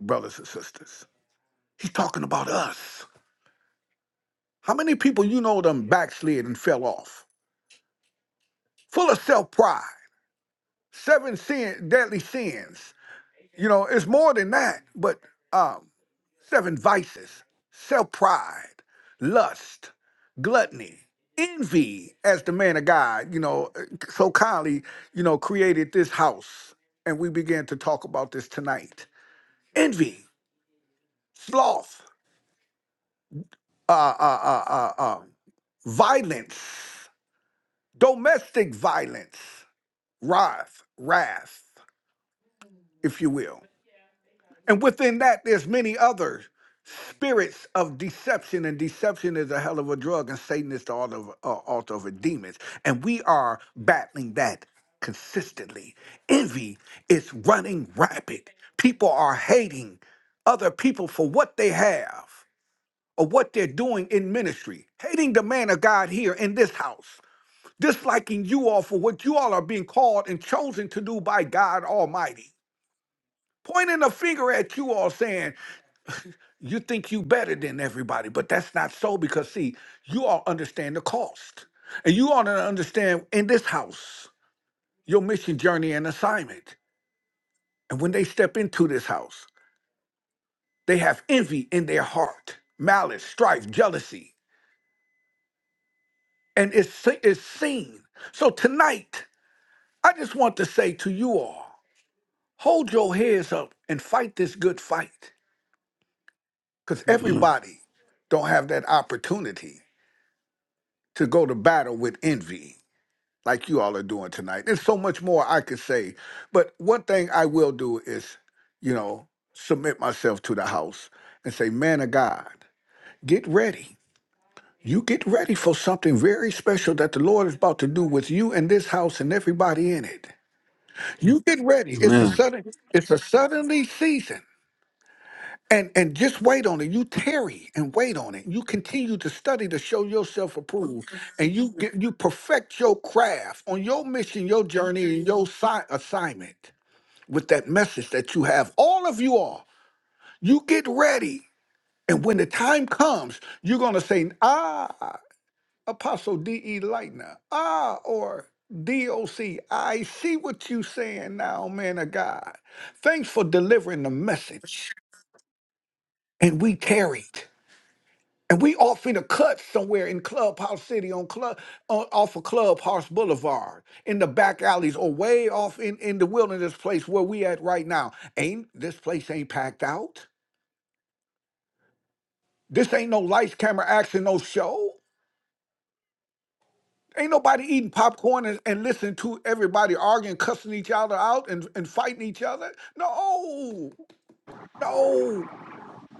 Speaker 7: brothers and sisters. He's talking about us. How many people you know them backslid and fell off? Full of self pride, seven sin, deadly sins. You know, it's more than that, but um, seven vices self pride, lust, gluttony, envy, as the man of God, you know, uh, so kindly, you know, created this house. And we began to talk about this tonight. Envy, sloth, uh, uh, uh, uh, uh, violence. Domestic violence, wrath, wrath, if you will. And within that, there's many other spirits of deception, and deception is a hell of a drug, and Satan is the altar of, uh, altar of demons. And we are battling that consistently. Envy is running rapid. People are hating other people for what they have or what they're doing in ministry, hating the man of God here in this house disliking you all for what you all are being called and chosen to do by God Almighty. Pointing a finger at you all saying, you think you better than everybody, but that's not so because see, you all understand the cost. And you all don't understand in this house your mission, journey, and assignment. And when they step into this house, they have envy in their heart, malice, strife, jealousy, and it's, se- it's seen. So tonight, I just want to say to you all Hold your heads up and fight this good fight. Because
Speaker 1: amen
Speaker 7: everybody don't have that opportunity to go to battle with envy like you all are doing tonight. There's so much more I could say. But one thing I will do is, you know, submit myself to the house and say, man of God, get ready. You get ready for something very special that the Lord is about to do with you and this house and everybody in it. You get ready. It's a
Speaker 1: amen
Speaker 7: sudden, it's a suddenly season. And and just wait on it. You tarry and wait on it. You continue to study to show yourself approved, and you get, you perfect your craft on your mission, your journey, and your si- assignment with that message that you have. All of you are. You get ready, and when the time comes, you're gonna say, Ah, Apostle D. E. Lightner, ah, or D. O. C. I see what you saying now, man of God. Thanks for delivering the message. And we tarried. And we off in a cut somewhere in Clubhouse City on Club on, off of Clubhouse Boulevard in the back alleys or way off in, in the wilderness place where we at right now. Ain't this place ain't packed out? This ain't no lights, camera, action, no show. Ain't nobody eating popcorn and, and listening to everybody arguing, cussing each other out and, and fighting each other. No, no.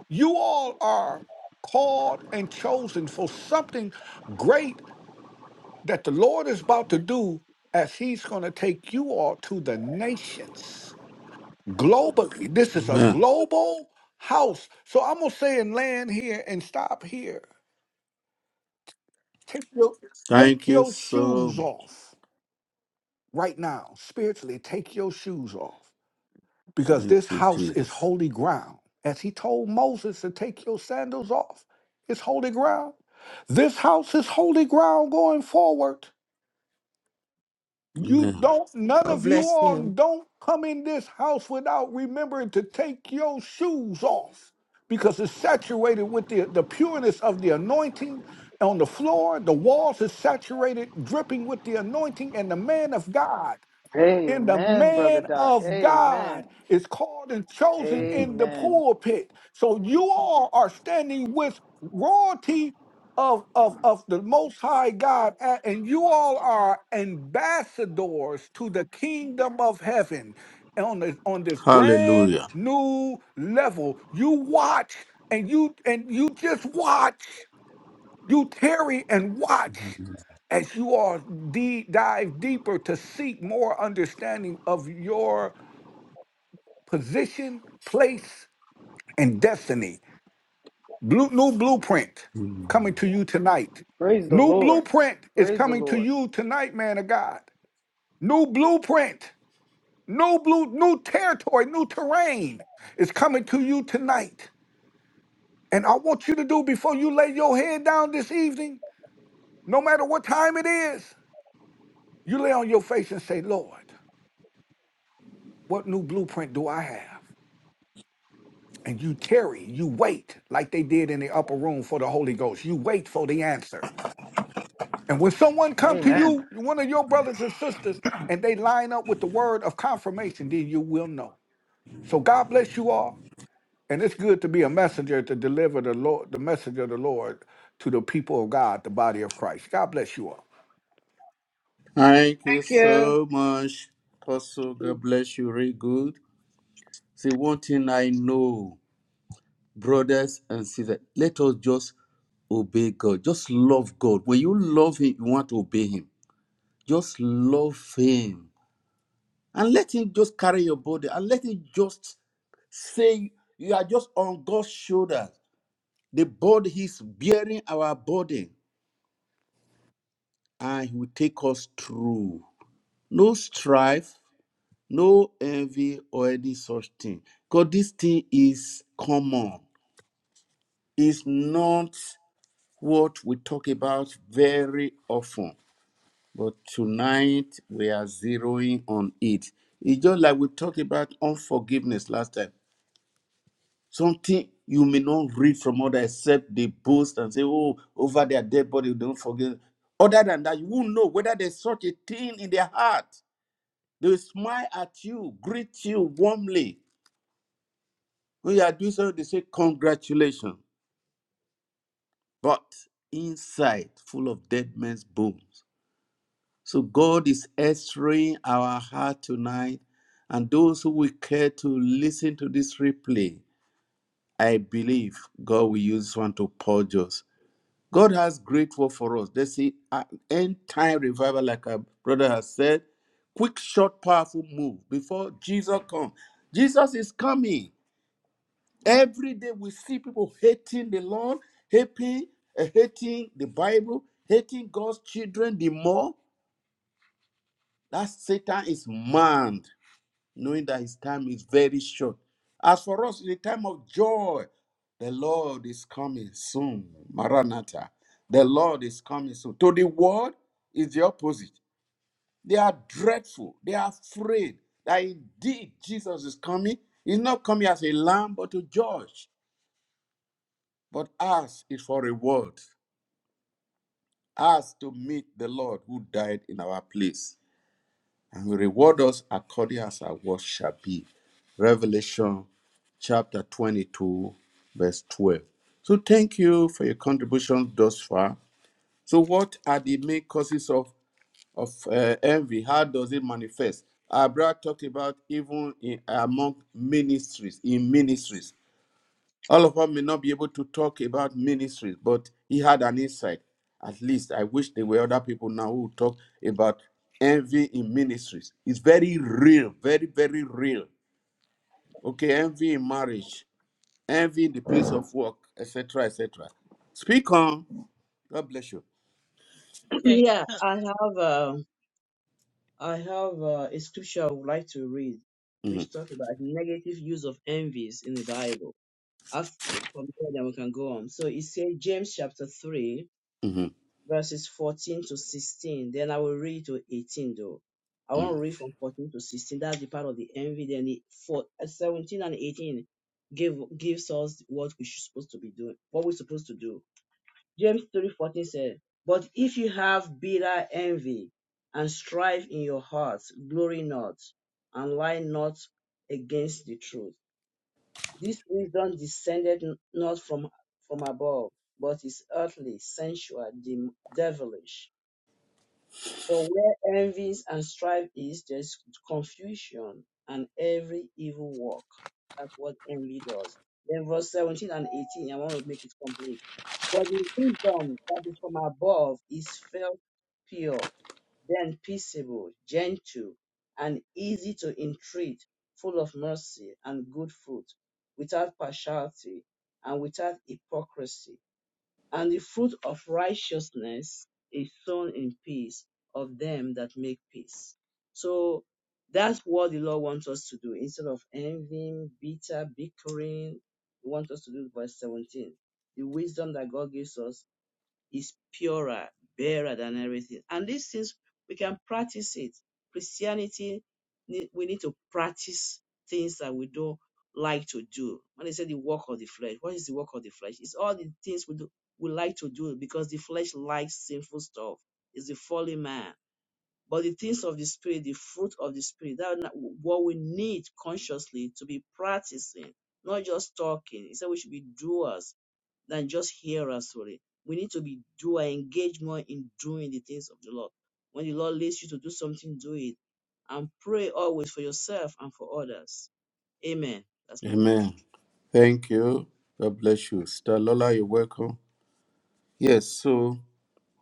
Speaker 7: You all are called and chosen for something great that the Lord is about to do as he's going to take you all to the nations globally. This is a
Speaker 1: Amen.
Speaker 7: global house. So I'm going to say and land here and stop here. Take your,
Speaker 1: thank
Speaker 7: take
Speaker 1: you
Speaker 7: your
Speaker 1: so
Speaker 7: shoes
Speaker 1: much
Speaker 7: off right now. Spiritually, take your shoes off because this
Speaker 1: thank you
Speaker 7: house is
Speaker 1: jesus
Speaker 7: holy ground. As he told Moses to take your sandals off, it's holy ground. This house is holy ground going forward. You
Speaker 1: amen
Speaker 7: don't, none
Speaker 6: God
Speaker 7: of you
Speaker 6: bless
Speaker 7: all
Speaker 6: you.
Speaker 7: don't come in this house without remembering to take your shoes off because it's saturated with the, the pureness of the anointing on the floor. The walls is saturated, dripping with the anointing and the man of God. And the
Speaker 5: Amen, Brother
Speaker 7: man
Speaker 5: Doc.
Speaker 7: of God
Speaker 5: Amen.
Speaker 7: is called and chosen
Speaker 1: Mhm.
Speaker 7: in the
Speaker 5: Amen.
Speaker 7: pulpit. So you all are standing with royalty of, of, of the Most High God, a- and you all are ambassadors to the kingdom of heaven on this, on this brand
Speaker 1: hallelujah
Speaker 7: new level. You watch and you and you just watch you tarry and watch as you are de- dive deeper to seek more understanding of your position, place, and destiny. Blue, new blueprint coming
Speaker 1: Mhm.
Speaker 7: to you tonight.
Speaker 5: Praise the
Speaker 7: New
Speaker 5: Lord.
Speaker 7: blueprint is
Speaker 5: Praise the
Speaker 7: coming to
Speaker 5: Lord.
Speaker 7: you tonight, man of God. New blueprint, new blue, new territory, new terrain is coming to you tonight. And I want you to do before you lay your head down this evening, no matter what time it is. You lay on your face and say, Lord, what new blueprint do I have? And you tarry, you wait, like they did in the upper room for the Holy Ghost. You wait for the answer. And when someone come to
Speaker 5: Amen.
Speaker 7: you, one of your brothers and sisters, and they line up with the word of confirmation, then you will know. So God bless you all. And it's good to be a messenger to deliver the Lord, the message of the Lord to the people of God, the body of Christ. God bless you all.
Speaker 1: Thank you
Speaker 5: Thank you.
Speaker 1: so much, Apostle. God bless you. Very good. Say, one thing I know, brothers and sisters, let us just obey God. Just love God. When you love Him, you want to obey Him. Just love Him and let Him just carry your body and let Him just say, You are just on God's shoulders. The body He's bearing our body and He will take us through. No strife, no envy, or any such thing. Because this thing is common, it's not. what we talk about very often, but tonight we are zeroing on it. It's just like we talked about unforgiveness last time. Something you may not read from others except they boast and say, Oh, over their dead body, don't forgive. Other than that, you won't know whether there's such a thing in their heart. They will smile at you, greet you warmly. When you are doing something, they say, Congratulations. But inside, full of dead men's bones So God is answering our heart tonight. And those who will care to listen to this replay, I believe God will use this one to purge us. God has great work for us. There's a- an end time revival, like our brother has said. Quick, short, powerful move before Jesus comes. Jesus is coming. Every day we see people hating the Lord, hating, uh, hating the Bible, hating God's children the more. That Satan is mad. knowing that his time is very short. As for us, in the time of joy, the Lord is coming soon. Maranatha. The Lord is coming soon. To the world is the opposite. They are dreadful. They are afraid that indeed Jesus is coming. He's not coming as a lamb, but to judge. But us is for reward. Us to meet the Lord who died in our place. And will reward us according as our work shall be. Revelation chapter 22, verse 12. So thank you for your contribution thus far. So what are the main causes of, of uh, envy? How does it manifest? Our brother talked about even in, among ministries, in ministries. All of us may not be able to talk about ministries, but he had an insight. At least I wish there were other people now who talk about envy in ministries. It's very real, very, very real. Okay, envy in marriage envying the place of work, etc., etc. Speak on. God bless you.
Speaker 4: <clears throat>
Speaker 3: Okay.
Speaker 4: yeah, I have uh, I have uh, a scripture I would like to read,
Speaker 1: Mhm,
Speaker 4: which talk about negative use of envies in the Bible. After from there, then we can go on. So it says James chapter three.
Speaker 1: mhm,
Speaker 4: verses 14 to 16. Then I will read to 18 though. I want to
Speaker 1: mhm.
Speaker 4: read from 14 to 16. That's the part of the envy. Then it, for, uh, 17 and 18 give, gives us what we should supposed to be doing, what we're supposed to do. James 3:14 said, But if you have bitter envy and strife in your hearts, glory not and lie not against the truth. This wisdom descended n- not from, from above, but is earthly, sensual, dem- devilish. For where envies and strife is, there's confusion and every evil work. That's what envy does. Then verse 17 and 18, I want to make it complete. But the wisdom that is from above is felt pure, then peaceable, gentle, and easy to entreat, full of mercy and good fruit, without partiality and without hypocrisy. And the fruit of righteousness is sown in peace of them that make peace. So that's what the Lord wants us to do. Instead of envying, bitter, bickering, He wants us to do verse 17. The wisdom that God gives us is purer, better than everything. And these things, we can practice it. Christianity, ne- we need to practice things that we don't like to do. When they say the work of the flesh, what is the work of the flesh? It's all the things we do, we like to do because the flesh likes sinful stuff. It's the fallen man. But the things of the spirit, the fruit of the spirit, that are what we need consciously to be practicing, not just talking. He said we should be doers than just hearers. Sorry, we need to be doer, engage more in doing the things of the Lord. When the Lord leads you to do something, do it, and pray always for yourself and for others. Amen. That's my contribution.
Speaker 1: Amen. Thank you. God bless you. Sister Lola, you're welcome. Yes, so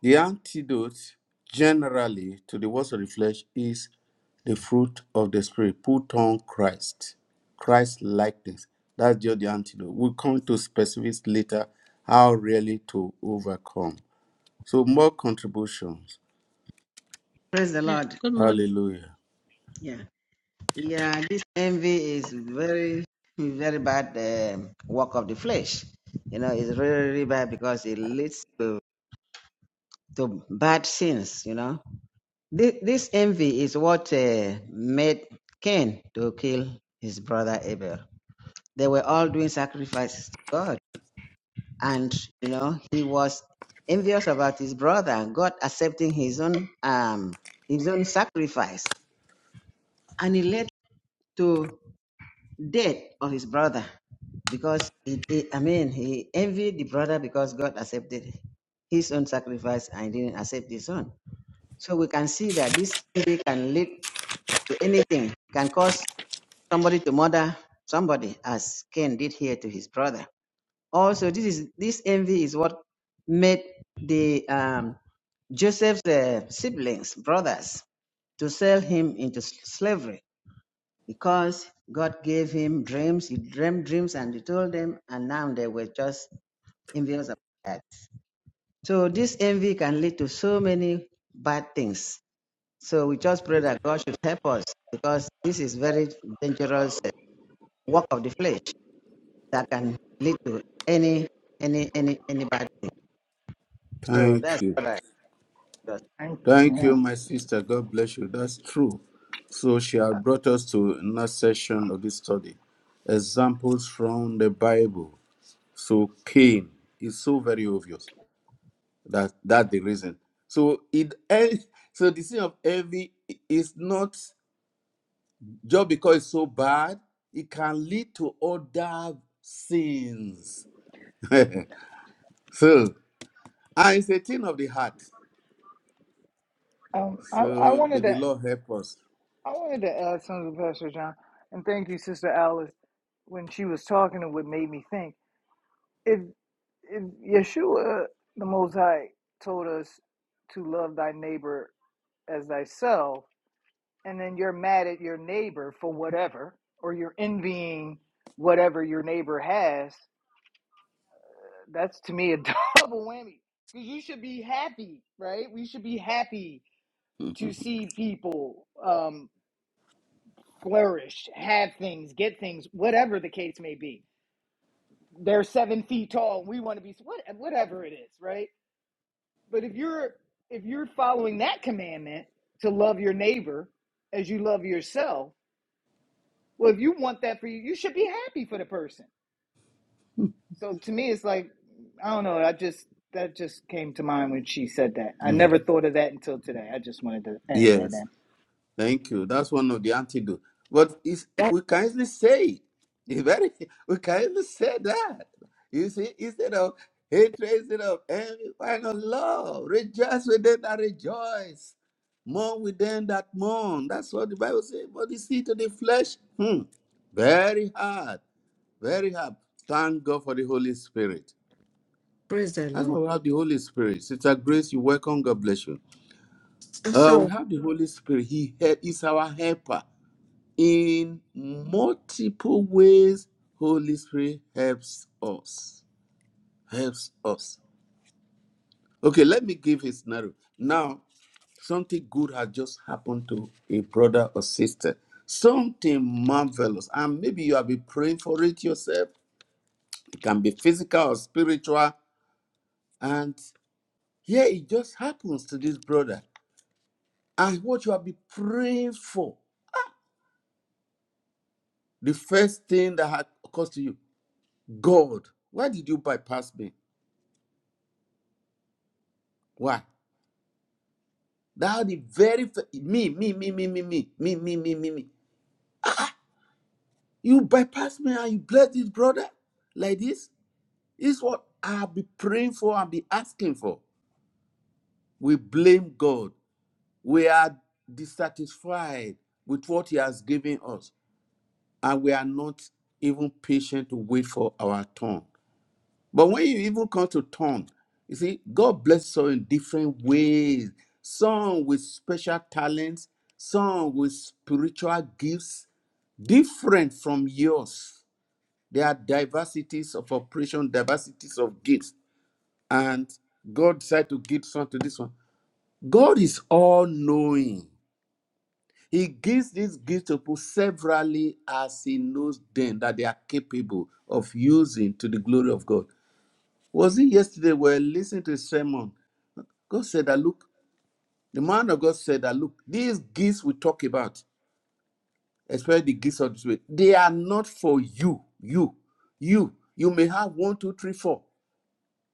Speaker 1: the antidote generally to the works of the flesh is the fruit of the Spirit. Put on Christ, Christ likeness. That's just the antidote. We'll come to specifics later how really to overcome. So, more contributions.
Speaker 2: Praise the
Speaker 3: Yeah.
Speaker 2: Lord.
Speaker 3: Good morning.
Speaker 1: Hallelujah.
Speaker 2: Yeah. Yeah, this envy is very, very bad um work of the flesh. You know, it's really, really bad because it leads to, to bad sins, you know This, this envy is what uh, made Cain to kill his brother Abel. They were all doing sacrifices to God, and you know he was envious about his brother. God accepting his own um his own sacrifice, and it led to death of his brother because he, he- I mean he envied the brother because God accepted his own sacrifice and didn't accept his own. So we can see that this envy can lead to anything. can cause somebody to murder somebody, as Cain did here to his brother. Also, this is this envy is what made the um, Joseph's uh, siblings, brothers, to sell him into s- slavery because God gave him dreams. He dreamed dreams and he told them, and now they were just envious about that. So this envy can lead to so many bad things. So we just pray that God should help us because this is very dangerous uh, work of the flesh. that can lead to any any any anybody. So
Speaker 1: Thank
Speaker 2: that's
Speaker 1: you.
Speaker 2: what I just
Speaker 5: Thank,
Speaker 1: Thank
Speaker 5: yeah.
Speaker 1: you, my sister. God bless you. That's true. So she had brought us to another session of this study. Examples from the Bible. So Cain is so very obvious that that the reason. So it eh, so the sin of envy is not just because it's so bad, it can lead to other sins. <laughs> so and it's a thing of the heart.
Speaker 5: Um, I, I
Speaker 1: So may
Speaker 5: wanted to
Speaker 1: the Lord help us.
Speaker 5: I wanted to add something to Pastor John, and thank you, Sister Alice, when she was talking and what made me think. If if Yeshua the Most High told us to love thy neighbor as thyself, and then you're mad at your neighbor for whatever, or you're envying whatever your neighbor has, that's to me a <laughs> double whammy. Because you should be happy, right? We should be happy
Speaker 1: <laughs>
Speaker 5: to see people um, flourish, have things, get things, whatever the case may be. They're seven feet tall, and we want to be what, whatever it is, right? But if you're if you're following that commandment to love your neighbor as you love yourself, Well, if you want that for you, you should be happy for the person. So to me, it's like I don't know. I just that just came to mind when she said that. I
Speaker 1: Mm.
Speaker 5: never thought of that until today. I just wanted to add that
Speaker 1: Yes.
Speaker 5: in.
Speaker 1: Thank you. That's one of the antidote. But it's,
Speaker 6: That,
Speaker 1: we can easily say <laughs> it. It's very, we can easily say that. You see, instead of hatred, instead of envy, why not love? Rejoice with them that rejoice. Mourn with them that mourn. That's what the Bible says. But you see, to the flesh, hmm, very hard, very hard. Thank God for the Holy Spirit.
Speaker 6: praise the
Speaker 1: That's why
Speaker 6: Lord.
Speaker 1: we have the Holy Spirit. Sister Grace, you welcome. God bless you. Uh,
Speaker 6: So,
Speaker 1: we have the Holy Spirit. He he is our helper in multiple ways holy spirit helps us helps us okay let me give a scenario now something good has just happened to a brother or sister something marvelous and maybe you have been praying for it yourself it can be physical or spiritual and here it just happens to this brother and what you have been praying for the first thing that had occurred to you god why did you bypass me why That the very f- me, me, me, me, me, me, me, me, me, me, me. You bypass me and you bless this brother like this. This Is what I'll be praying for and be asking for. We blame God. We are dissatisfied with what He has given us, and we are not even patient to wait for our turn. But when you even come to turn, you see, God blesses us in different ways. Some with special talents, some with spiritual gifts, different from yours. There are diversities of operation, diversities of gifts, and God decided to give some to this one. God is all knowing. He gives these gifts to people severally as He knows them that they are capable of using to the glory of God. Was it yesterday we were listening to a sermon? God said that, look, the man of God said that, look, these gifts we talk about. especially the gifts of the Spirit, they are not for you. You, you, you may have one, two, three, four.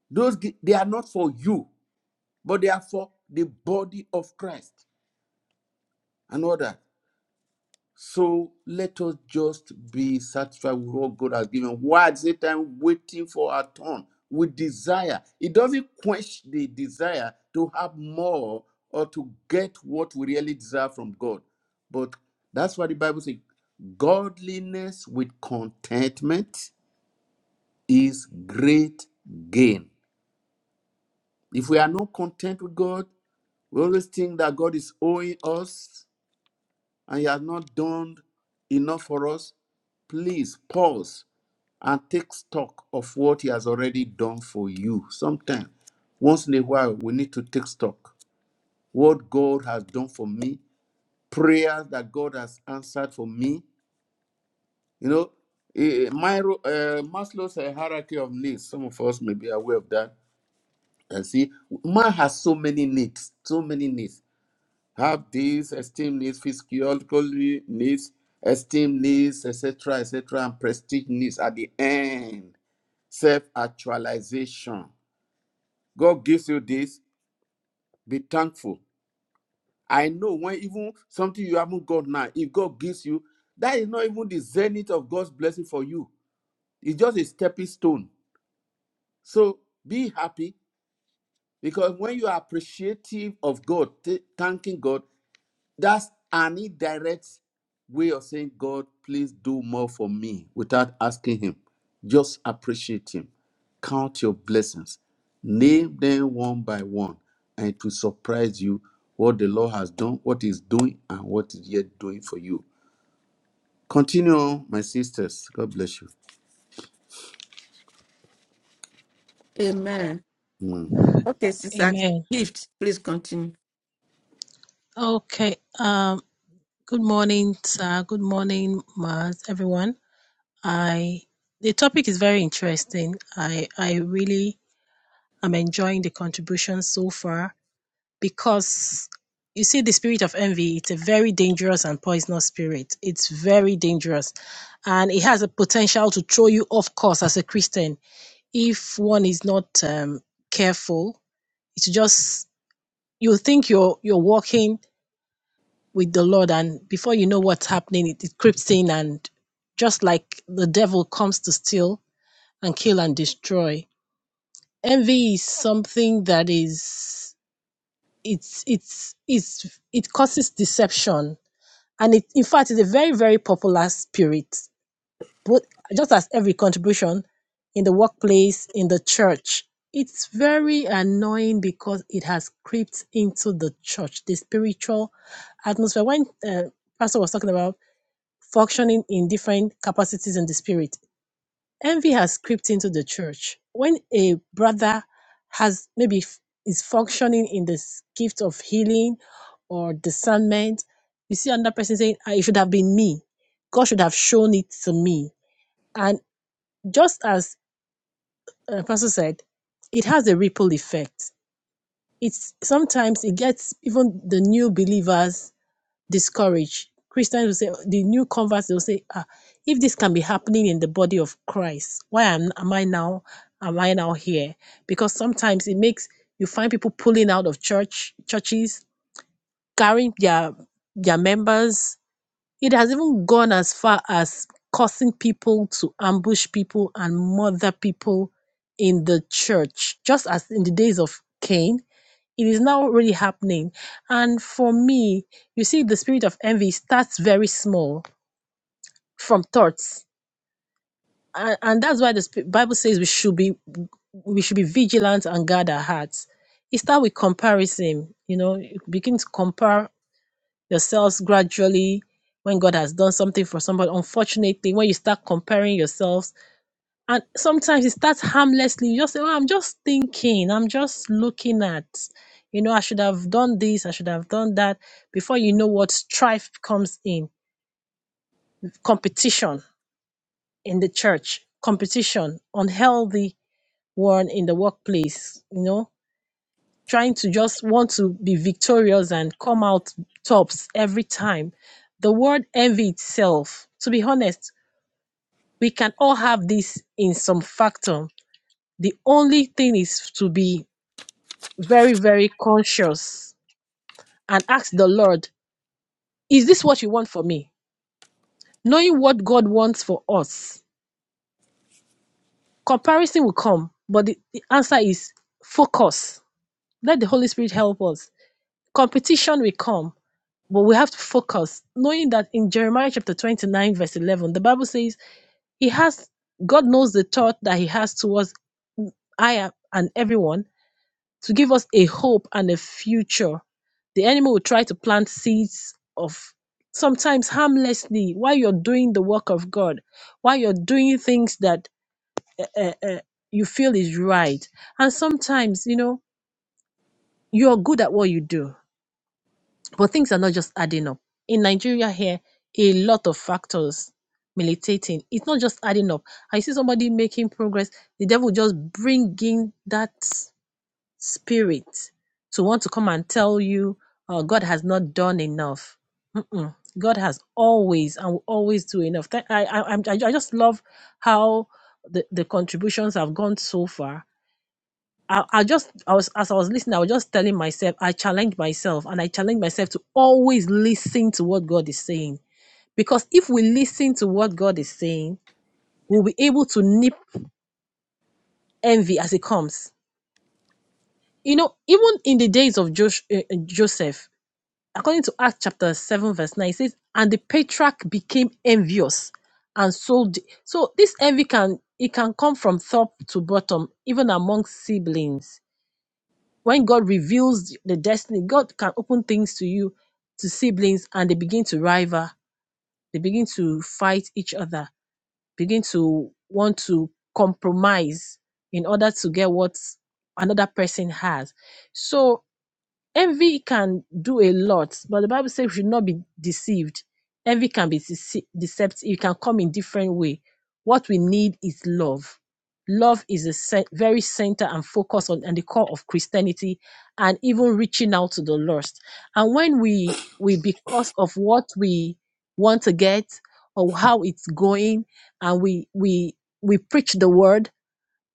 Speaker 1: Those they are not for you, but they are for the body of Christ and others. So let us just be satisfied with what God has given. Why at the same time waiting for our turn with desire? It doesn't quench the desire to have more or to get what we really desire from God. But that's why the Bible says godliness with contentment is great gain. If we are not content with God, we always think that God is owing us and you have not done enough for us, please pause and take stock of what he has already done for you. Sometimes, once in a while, we need to take stock. What God has done for me, prayers that God has answered for me. You know, eh, Myro- eh, Maslow's eh, hierarchy of needs, some of us may be aware of that. And see, man has so many needs, so many needs. have these esteem needs, physiological needs, esteem needs, etc., etc., and prestige needs at the end. Self actualization. God gives you this, be thankful. I know when even something you haven't got now, if God gives you, that is not even the zenith of God's blessing for you. It's just a stepping stone. So be happy because when you are appreciative of God, th- thanking God, That's an indirect way of saying, God, please do more for me without asking Him. Just appreciate Him. Count your blessings. Name them one by one, and it will surprise you what the Lord has done, what He's doing, and what is yet doing for you. Continue on, my sisters. God bless you.
Speaker 6: amen. Okay, sister,
Speaker 3: Amen.
Speaker 6: gift, please continue.
Speaker 3: Okay. Um. Good morning, sir. Good morning, Mars. Everyone. I. The topic is very interesting. I. I really am enjoying the contribution so far. because you see the spirit of envy it's a very dangerous and poisonous spirit it's very dangerous and it has a potential to throw you off course as a christian if one is not um, careful it's just you think you're you're walking with the lord and before you know what's happening it, it creeps in and just like the devil comes to steal and kill and destroy envy is something that is it's it's it's it causes deception and it in fact is a very very popular spirit but just as every contribution in the workplace in the church it's very annoying because it has crept into the church the spiritual atmosphere when uh, pastor was talking about functioning in different capacities in the spirit Envy has crept into the church. When a brother has maybe f- is functioning in this gift of healing or discernment, you see another person saying, "Ah, "It should have been me. God should have shown it to me." And just as uh, Pastor said, it has a ripple effect. It's sometimes it gets even the new believers discouraged. Christians will say, the new converts, they'll say, ah, if this can be happening in the body of Christ, why am, am I now, am I now here? Because sometimes it makes, you find people pulling out of church, churches, carrying their, their members. It has even gone as far as causing people to ambush people and murder people in the church, just as in the days of Cain it is now really happening. And for me, you see, the spirit of envy starts very small from thoughts. And, and that's why the spi- Bible says we should be we should be vigilant and guard our hearts. It starts with comparison. You know, you begin to compare yourselves gradually when God has done something for somebody. Unfortunately, when you start comparing yourselves and sometimes it starts harmlessly you just say oh i'm just thinking i'm just looking at you know i should have done this i should have done that before you know what strife comes in competition in the church competition unhealthy one in the workplace you know trying to just want to be victorious and come out tops every time the word envy itself to be honest we can all have this in some factor the only thing is to be very, very conscious and ask the Lord, Is this what you want for me? Knowing what God wants for us, comparison will come, but the, the answer is focus. Let the Holy Spirit help us. Competition will come, but we have to focus, knowing that in Jeremiah chapter 29, verse 11, the Bible says, He has God knows the thought that He has towards I and everyone to give us a hope and a future. The enemy will try to plant seeds of sometimes harmlessly while you're doing the work of God, while you're doing things that uh, uh, you feel is right. And sometimes, you know, you're good at what you do, but things are not just adding up. In Nigeria, here, a lot of factors militating. It's not just adding up. I see somebody making progress, the devil just bringing that. spirit to want to come and tell you, oh, God has not done enough. Mm-mm. God has always and will always do enough. Thank- I, I, I'm- I just love how the, the contributions have gone so far. I, I just, I was, as I was listening, I was just telling myself, I challenged myself and I challenged myself to always listen to what God is saying. Because if we listen to what God is saying, we'll be able to nip envy as it comes. You know, even in the days of Josh, uh, Joseph, according to Acts chapter 7, verse 9, it says, And the patriarch became envious and sold. So this envy can it can come from top to bottom, even among siblings. When God reveals the destiny, God can open things to you, to siblings, and they begin to rival, they begin to fight each other, begin to want to compromise in order to get what another person has. So Envy can do a lot, but the Bible says we should not be deceived. Envy can be dece- deceptive, it can come in different way. What we need is love. Love is the cen- very center and focus on and the core of Christianity and even reaching out to the lost. And when we we because of what we want to get or how it's going and we we we preach the word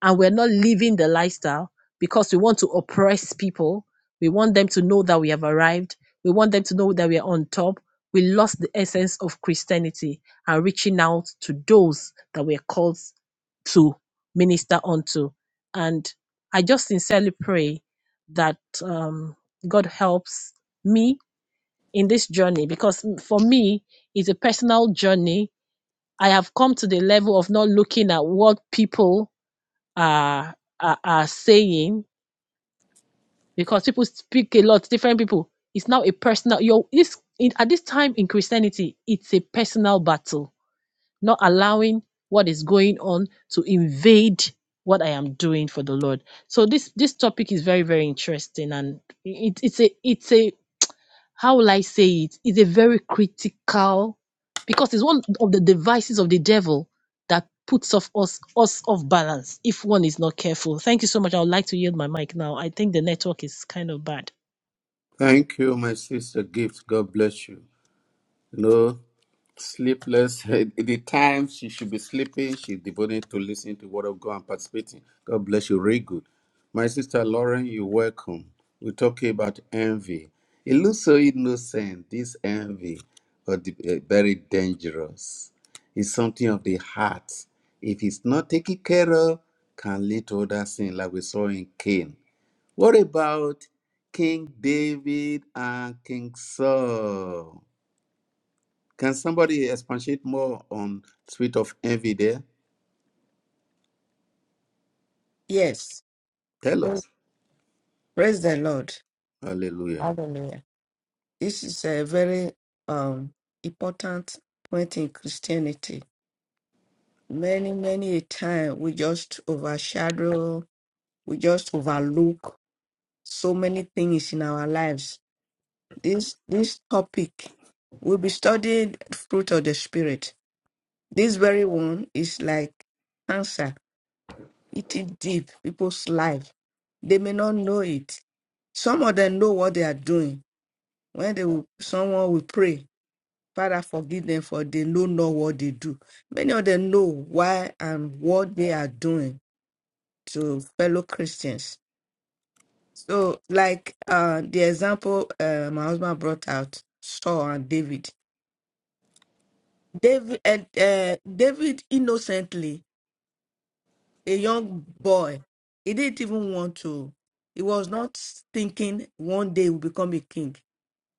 Speaker 3: and we're not living the lifestyle because we want to oppress people. We want them to know that we have arrived. We want them to know that we are on top. We lost the essence of Christianity and reaching out to those that we are called to minister unto. And I just sincerely pray that um, God helps me in this journey because for me, it's a personal journey. I have come to the level of not looking at what people are, are are saying because people speak a lot different people it's now a personal your this in, at this time in christianity it's a personal battle not allowing what is going on to invade what i am doing for the lord so this this topic is very very interesting and it, it's a it's a how will I say it? It's a very critical because it's one of the devices of the devil that puts off us us off balance if one is not careful. Thank you so much. I would like to yield my mic now. I think the network is kind of bad.
Speaker 1: Thank you, my sister Gift. God bless you. No. Sleepless. At The time she should be sleeping, she's devoted to listening to Word of God and participating. God bless you. Very good. My sister Lauren, you're welcome. We're talking about envy. It looks so innocent, this envy, but the- eh, very dangerous. It's something of the heart. If it's not taken care of, can lead to other sin, like we saw in Cain. What about King David and King Saul? Can somebody expatiate more on spirit of envy there?
Speaker 6: Yes.
Speaker 1: Tell
Speaker 6: Oh,
Speaker 1: us.
Speaker 6: Praise the Lord.
Speaker 1: Hallelujah.
Speaker 6: Hallelujah. This is a very um important point in Christianity. Many, many a time we just overshadow, we just overlook so many things in our lives. This this topic, we'll be studying fruit of the spirit This very one is like cancer, eating deep people's life. They may not know it. Some of them know what they are doing. When they will, someone will pray, Father, forgive them for they know not what they do. Many of them know why and what they are doing to fellow Christians. So, like uh, the example uh, my husband brought out, Saul and David. David, and, uh, David innocently a young boy. He didn't even want to. He was not thinking one day he will become a king.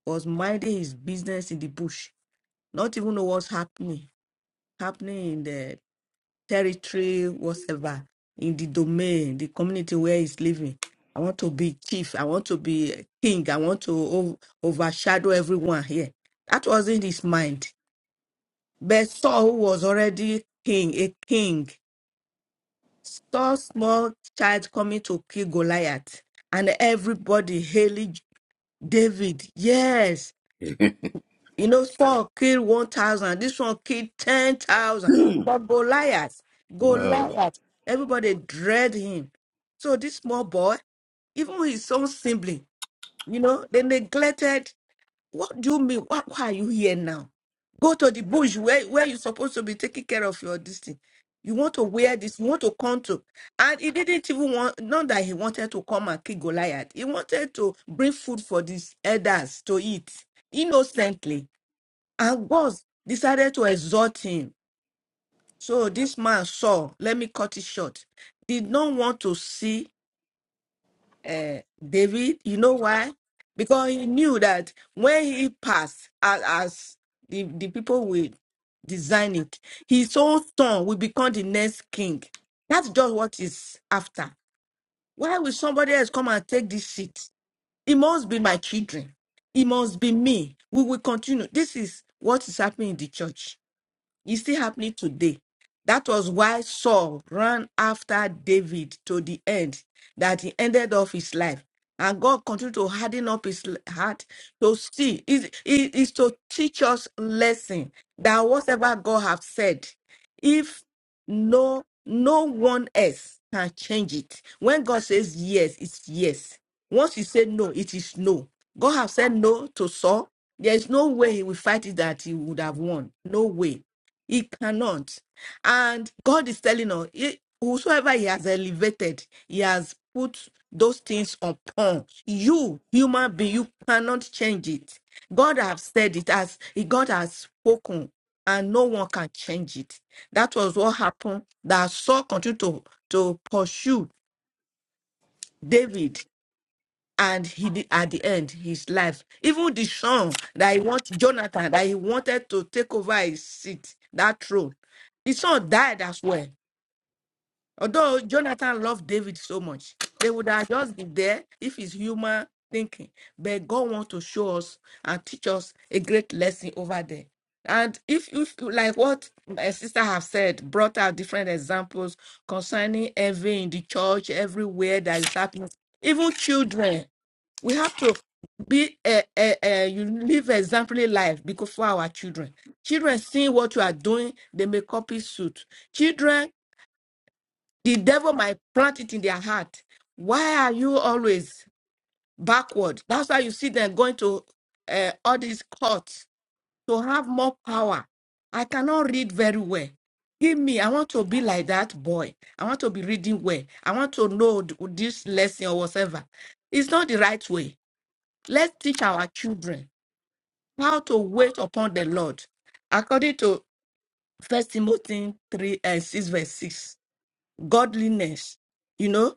Speaker 6: He was minding his business in the bush, not even know what's happening, happening in the territory, whatever, in the domain, the community where he's living. I want to be chief. I want to be a king. I want to o- overshadow everyone here. That wasn't his mind. But Saul who was already king, a king. saw small child coming to kill Goliath, and everybody hailing David. Yes,
Speaker 1: <laughs>
Speaker 6: you know, Saul killed 1,000, this one killed 10,000. But Goliath,
Speaker 1: wow.
Speaker 6: Goliath, everybody dread him. So this small boy, even his own sibling, you know, they neglected what do you mean? Why, why are you here now? Go to the bush where, where you're supposed to be taking care of your this thing. You want to wear this, you want to come to. And he didn't even want, not that he wanted to come and kill Goliath. He wanted to bring food for these elders to eat innocently. And God decided to exhort him. So this man saw, let me cut it short, did not want to see uh, David. You know why? Because he knew that when he passed, as, as the, the people will design it, his own son will become the next king. That's just what he's after. Why will somebody else come and take this seat? It must be my children. It must be me. We will continue. This is what is happening in the church. It's still happening today. That was why Saul ran after David to the end, that he ended off his life. And God continued to harden up his l- heart to see, is is is to teach us lesson that whatever God have said, if no no one else can change it. When God says yes, it's yes. Once he said no, it is no. God have said no to Saul. There is no way he will fight it that he would have won. No way. He cannot. And God is telling us, he- whosoever He has elevated, He has put those things upon you, human being. You cannot change it. God has said it as God has spoken, and no one can change it. That was what happened. That Saul continued to, to pursue David and he did, at the end his life even the son that he wanted, jonathan that he wanted to take over his seat that throne the son died as well although jonathan loved david so much they would have just been there if it's human thinking but god wants to show us and teach us a great lesson over there and if if like what my sister have said brought out different examples concerning envy in the church everywhere that is happening even children we have to be a, a, a you live exemplary life because for our children. Children seeing what you are doing, they may copy suit. Children, the devil might plant it in their heart. Why are you always backward? That's why you see them going to uh, all these courts to have more power. I cannot read very well. Give me, I want to be like that boy. I want to be reading well. I want to know th- this lesson or whatever. It's not the right way Let's teach our children how to wait upon the Lord. According to First Timothy 3 and 6, verse 6, godliness, you know,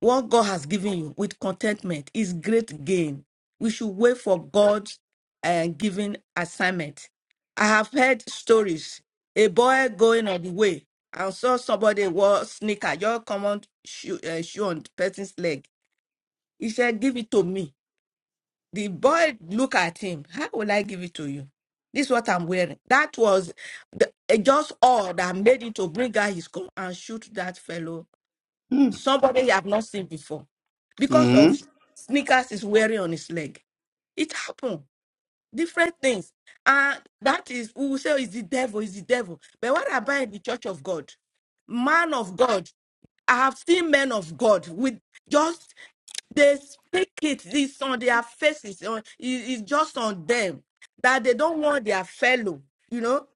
Speaker 6: what God has given you with contentment is great gain. We should wait for God's uh, given assignment. I have heard stories. A boy going on the way and saw somebody wore sneaker, your common shoe, uh, shoe on the person's leg. He said, Give it to me. The boy look at him. How will I give it to you? This is what I'm wearing. That was the, eh, just all that made him to bring out his gun and shoot that fellow.
Speaker 1: Hmm.
Speaker 6: Somebody he have not seen before. Because
Speaker 1: Mhm.
Speaker 6: of sneakers he's wearing on his leg. It happened. Different things. And that is, we will say, is the devil, is the devil. But what about in the church of God? Man of God. I have seen men of God with just they speak it it's on their faces on it- it's just on them that they don't want their fellow you know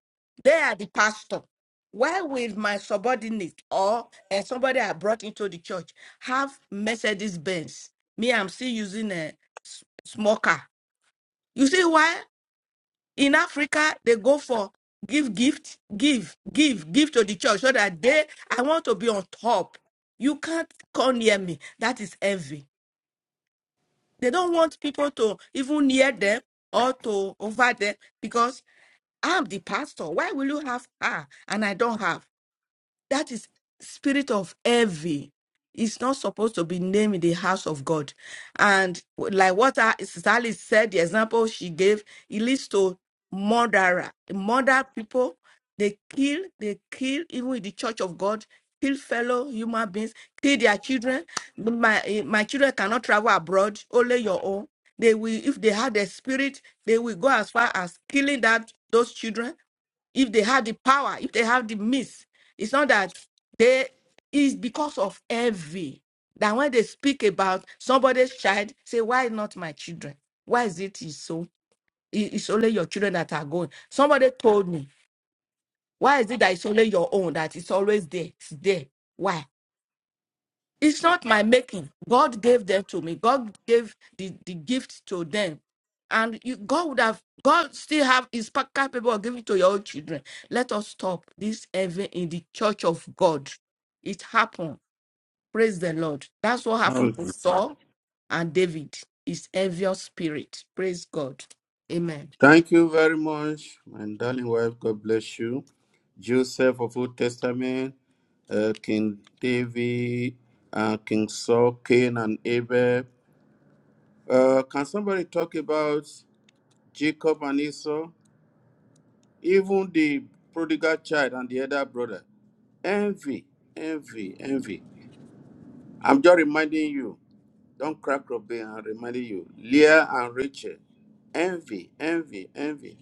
Speaker 6: they are the pastor why will my subordinate or eh, somebody i brought into the church have mercedes benz me i'm still using a small car you see why in africa they go for give gift give give give to the church so that they i want to be on top you can't come near me that is envy They don't want people to even near them or to over them because I'm the pastor. Why will you have her and I don't have? that is spirit of envy It's not supposed to be named in the house of god and like what I- Sister Alice said the example she gave it leads to murderer murder people they kill they kill even in the church of god kill fellow human beings kill their children my eh, my children cannot travel abroad only your own they will if they have the spirit they will go as far as killing that those children if they have the power, if they have the means. It's not that they it's because of envy that when they speak about somebody's child, say, Why not my children? Why is it is so? i- It's only your children that are going. Somebody told me, Why is it that it's only your own that it's always there? It's there. Why? It's not my making. God gave them to me. God gave the, the gift to them. And you, God would have, God still have is pa- capable of giving to your own children. Let us stop this even in the church of God. It happened. Praise the Lord. That's what happened
Speaker 1: Hall-
Speaker 6: to Saul and David. It's envious spirit. Praise God. Amen.
Speaker 1: Thank you very much, my darling wife. God bless you. Joseph of Old Testament, uh, King David, uh, King Saul, Cain and Abel. Uh, can somebody talk about Jacob and Esau? Even the prodigal child and the other brother. Envy, envy, envy. I'm just reminding you, don't crack Robin, I'm reminding you, Leah and Rachel, envy, envy, envy.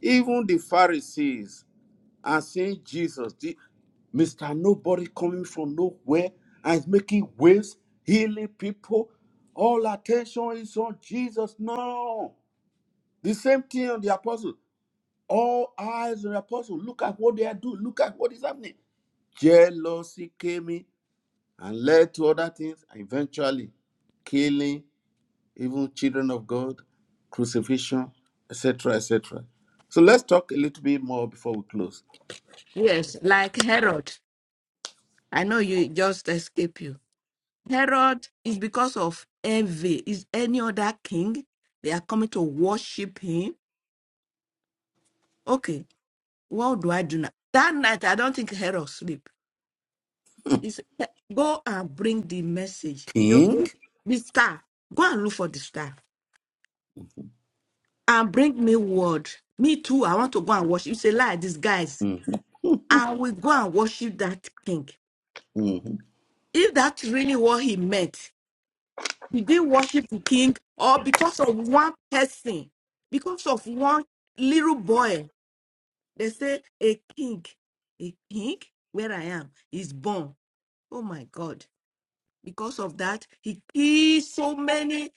Speaker 1: Even the Pharisees are seeing Jesus, the Mr. Nobody coming from nowhere and is making waves, healing people. All attention is on Jesus. No. The same thing on the apostles. All eyes on the apostles. Look at what they are doing. Look at what is happening. Jealousy came in and led to other things. and Eventually, killing even children of God, crucifixion, etc., etc. So let's talk a little bit more before we close.
Speaker 6: Yes, like Herod. I know you it just escape you. Herod is because of envy. Is any other king? They are coming to worship him. Okay, what do I do now? That night, I don't think Herod sleep. He said, "Hey, go and bring the message. You,
Speaker 1: King,
Speaker 6: the star. Go and look for the star and bring me word. Me too. I want to go and worship. It's a lie, these guys.
Speaker 1: Mhm,
Speaker 6: I will go and worship that king.
Speaker 1: mhm.
Speaker 6: If that's really what he meant, Did they worship the king or because of one person, because of one little boy? They say a king, a king, where I am, is born. Oh my God. Because of that, he killed so many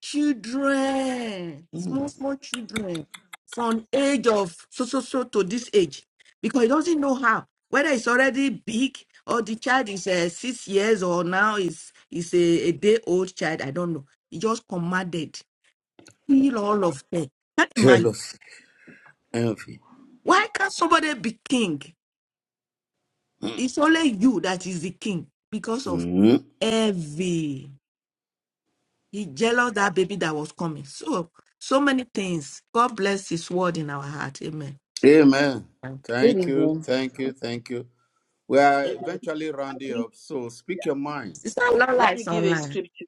Speaker 6: children, small, small children from age of so, so, so to this age. Because he doesn't know how, whether it's already big or the child is uh, six years or now is is a, a day old child. I don't know. He just commanded, kill all of them. Can't imagine.
Speaker 1: jealousy, envy.
Speaker 6: Why can't somebody be king? It's only you that is the king because of
Speaker 1: Mhm.
Speaker 6: envy. He jealous that baby that was coming. So, so many things. God bless His word in our heart. Amen.
Speaker 1: Amen.
Speaker 6: Thank you.
Speaker 8: Good
Speaker 1: Thank you,
Speaker 8: evening.
Speaker 1: thank you, thank you. We are
Speaker 4: Amen.
Speaker 1: eventually
Speaker 4: I
Speaker 1: rounding
Speaker 4: think
Speaker 1: up, so speak
Speaker 4: yeah.
Speaker 1: your mind.
Speaker 6: Sister Lola
Speaker 4: Let me
Speaker 6: is
Speaker 4: give a
Speaker 6: online.
Speaker 4: scripture.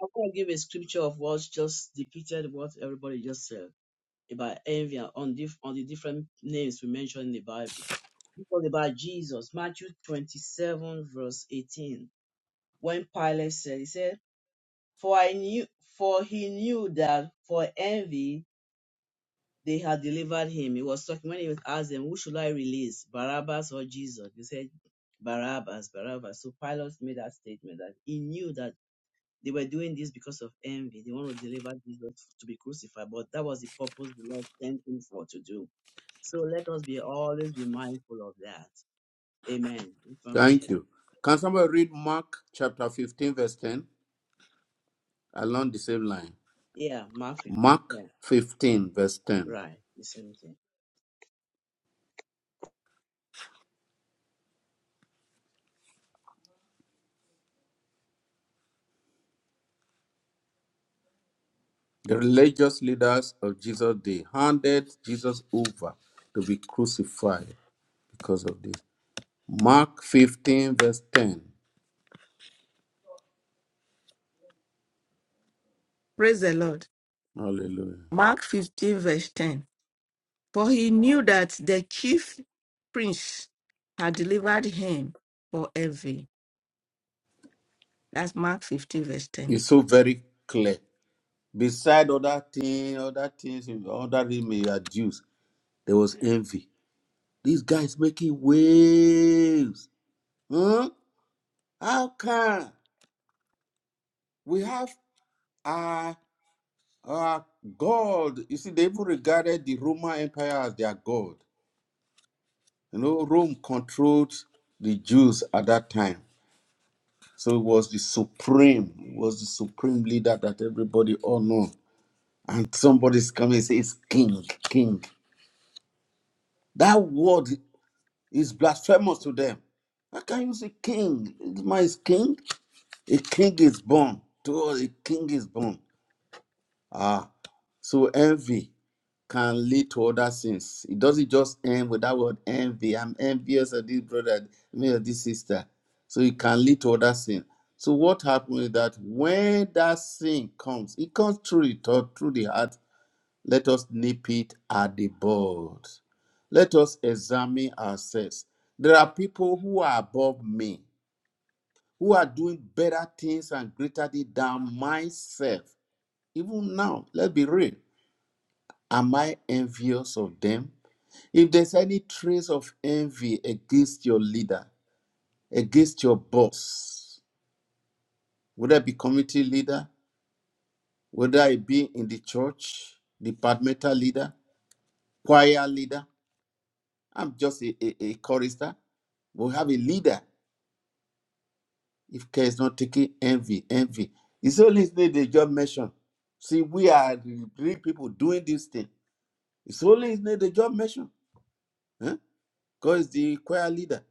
Speaker 4: I want to give a scripture of what's just depicted, what everybody just said about envy and on, dif- on the different names we mentioned in the Bible. We talked about Jesus, Matthew 27, verse 18. When Pilate said, he said, For I knew, for he knew that for envy they had delivered him. He was talking when he was asked them, "Who should I release, Barabbas or Jesus?" They said, "Barabbas, Barabbas." So Pilate made that statement that he knew that they were doing this because of envy. They want to deliver Jesus to be crucified, but that was the purpose the Lord sent him for to do. So let us be always be mindful of that. Amen. We want to share
Speaker 1: Thank
Speaker 4: that.
Speaker 1: you. Can somebody read Mark chapter 15, verse 10 along the same line?
Speaker 4: Yeah, Mark
Speaker 1: Mark
Speaker 4: 15.
Speaker 1: 15, verse 10.
Speaker 4: Right, the same thing.
Speaker 1: The religious leaders of Jesus they handed Jesus over to be crucified because of this. Mark 15, verse 10.
Speaker 6: Praise the Lord.
Speaker 1: Hallelujah.
Speaker 6: Mark 15, verse 10. For he knew that the chief prince had delivered him for envy. That's Mark 15, verse 10.
Speaker 1: It's so very clear. Beside other things, other things, other they may adduce, there was envy. These guys making waves. Huh? How can we have our, our God? You see, they even regarded the Roman Empire as their God. You know, Rome controlled the Jews at that time. So it was the supreme, it was the supreme leader that everybody all know. And somebody's coming and says, King, King. That word is blasphemous to them. How can you say king? This man is king. A king is born. To us, a king is born. Ah, so envy. can lead to other sins. It doesn't just end with that word envy. I'm envious of this brother, me of this sister. So it can lead to other sin. So what happens is that when that sin comes, it comes through it or through the heart. Let us nip it at the bud. Let us examine ourselves. There are people who are above me, who are doing better things and greater things than myself. Even now, let's be real. Am I envious of them? If there's any trace of envy against your leader, against your boss, whether it be community leader, whether it be in the church, departmental leader, choir leader, I'm just a, a, a chorister. We have a leader if care is not taking envy, envy. It's only his name they just mention. See, we are the three people doing this thing. It's only his name they just mention. Because the choir leader.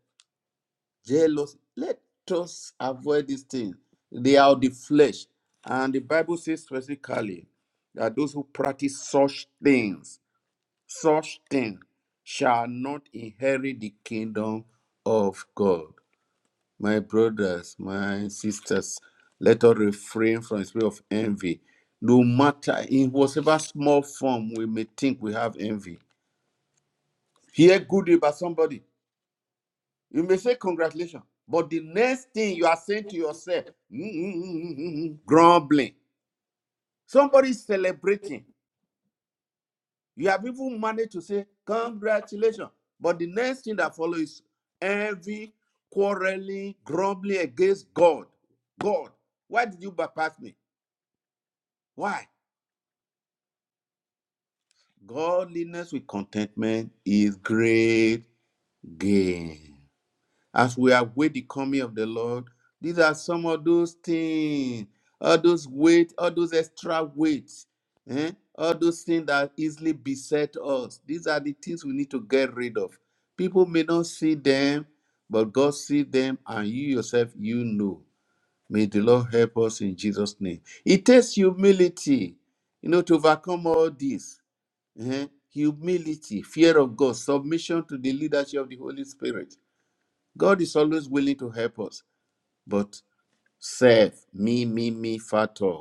Speaker 1: jealousy. Let us avoid these things. They are the flesh. And the Bible says specifically that those who practice such things, such things, shall not inherit the kingdom of God. My brothers, my sisters, let us refrain from the spirit of envy. No matter in whatever small form we may think we have envy. Hear good about somebody. You may say congratulations, but the next thing you are saying to yourself, <laughs> grumbling. Somebody is celebrating. You have even managed to say congratulations, but the next thing that follows is envy, quarreling, grumbling against God. God, why did you bypass me? Why? Godliness with contentment is great gain. as we await the coming of the Lord. These are some of those things, all those weight, all those extra weights, eh? all those things that easily beset us. These are the things we need to get rid of. People may not see them, but God sees them, and you yourself, you know. May the Lord help us in Jesus' name. It takes humility, you know, to overcome all this. eh? Humility, fear of God, submission to the leadership of the Holy Spirit God is always willing to help us, but self, me, me, me factor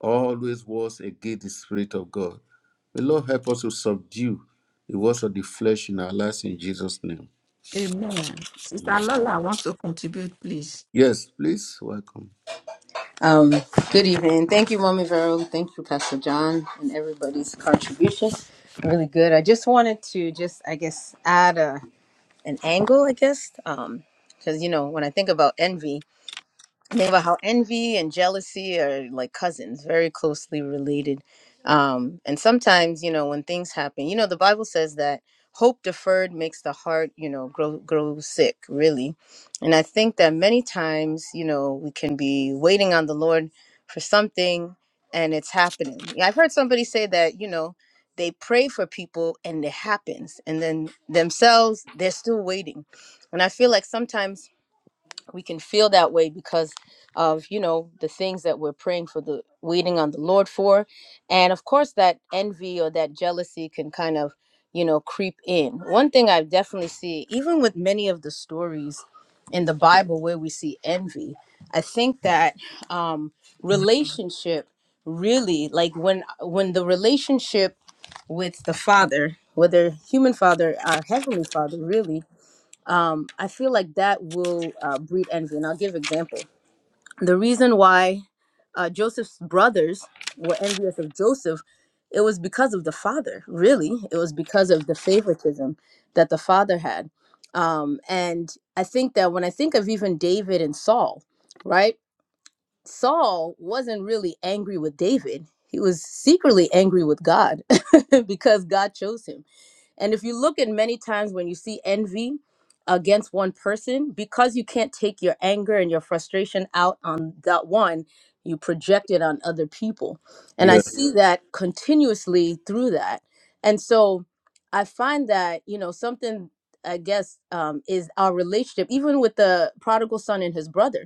Speaker 1: always was against the Spirit of God. The Lord help us to subdue the works of the flesh in our lives in Jesus' name.
Speaker 6: Amen. Sister Lola wants to contribute, please.
Speaker 1: Yes, please, welcome.
Speaker 8: Um, good evening. Thank you, Mommy Vero. Thank you, Pastor John, and everybody's contribution. Really good. I just wanted to just, I guess, add a, an angle, I guess, because you know when I think about envy. think about how envy and jealousy are like cousins, very closely related. Um, and sometimes, you know, when things happen, you know, the Bible says that hope deferred makes the heart, you know, grow grow sick, really. And I think that many times, you know, we can be waiting on the Lord for something and it's happening. Yeah, I've heard somebody say that, you know, they pray for people and it happens, and then themselves, they're still waiting. And I feel like sometimes we can feel that way because of you know the things that we're praying for the waiting on the lord for and of course that envy or that jealousy can kind of you know creep in one thing i definitely see even with many of the stories in the bible where we see envy i think that um relationship really like when when the relationship with the father whether human father or heavenly father really um, I feel like that will uh, breed envy. And I'll give example. The reason why uh, Joseph's brothers were envious of Joseph, it was because of the father. Really, it was because of the favoritism that the father had. Um, and I think that when I think of even David and Saul, right? Saul wasn't really angry with David. He was secretly angry with God <laughs> because God chose him and if you look at many times when you see envy against one person, because you can't take your anger and your frustration out on that one, you project it on other people. And I
Speaker 1: Yeah,
Speaker 8: see Yeah. that continuously through that. And so I find that, you know, something I guess um, is our relationship, even with the prodigal son and his brother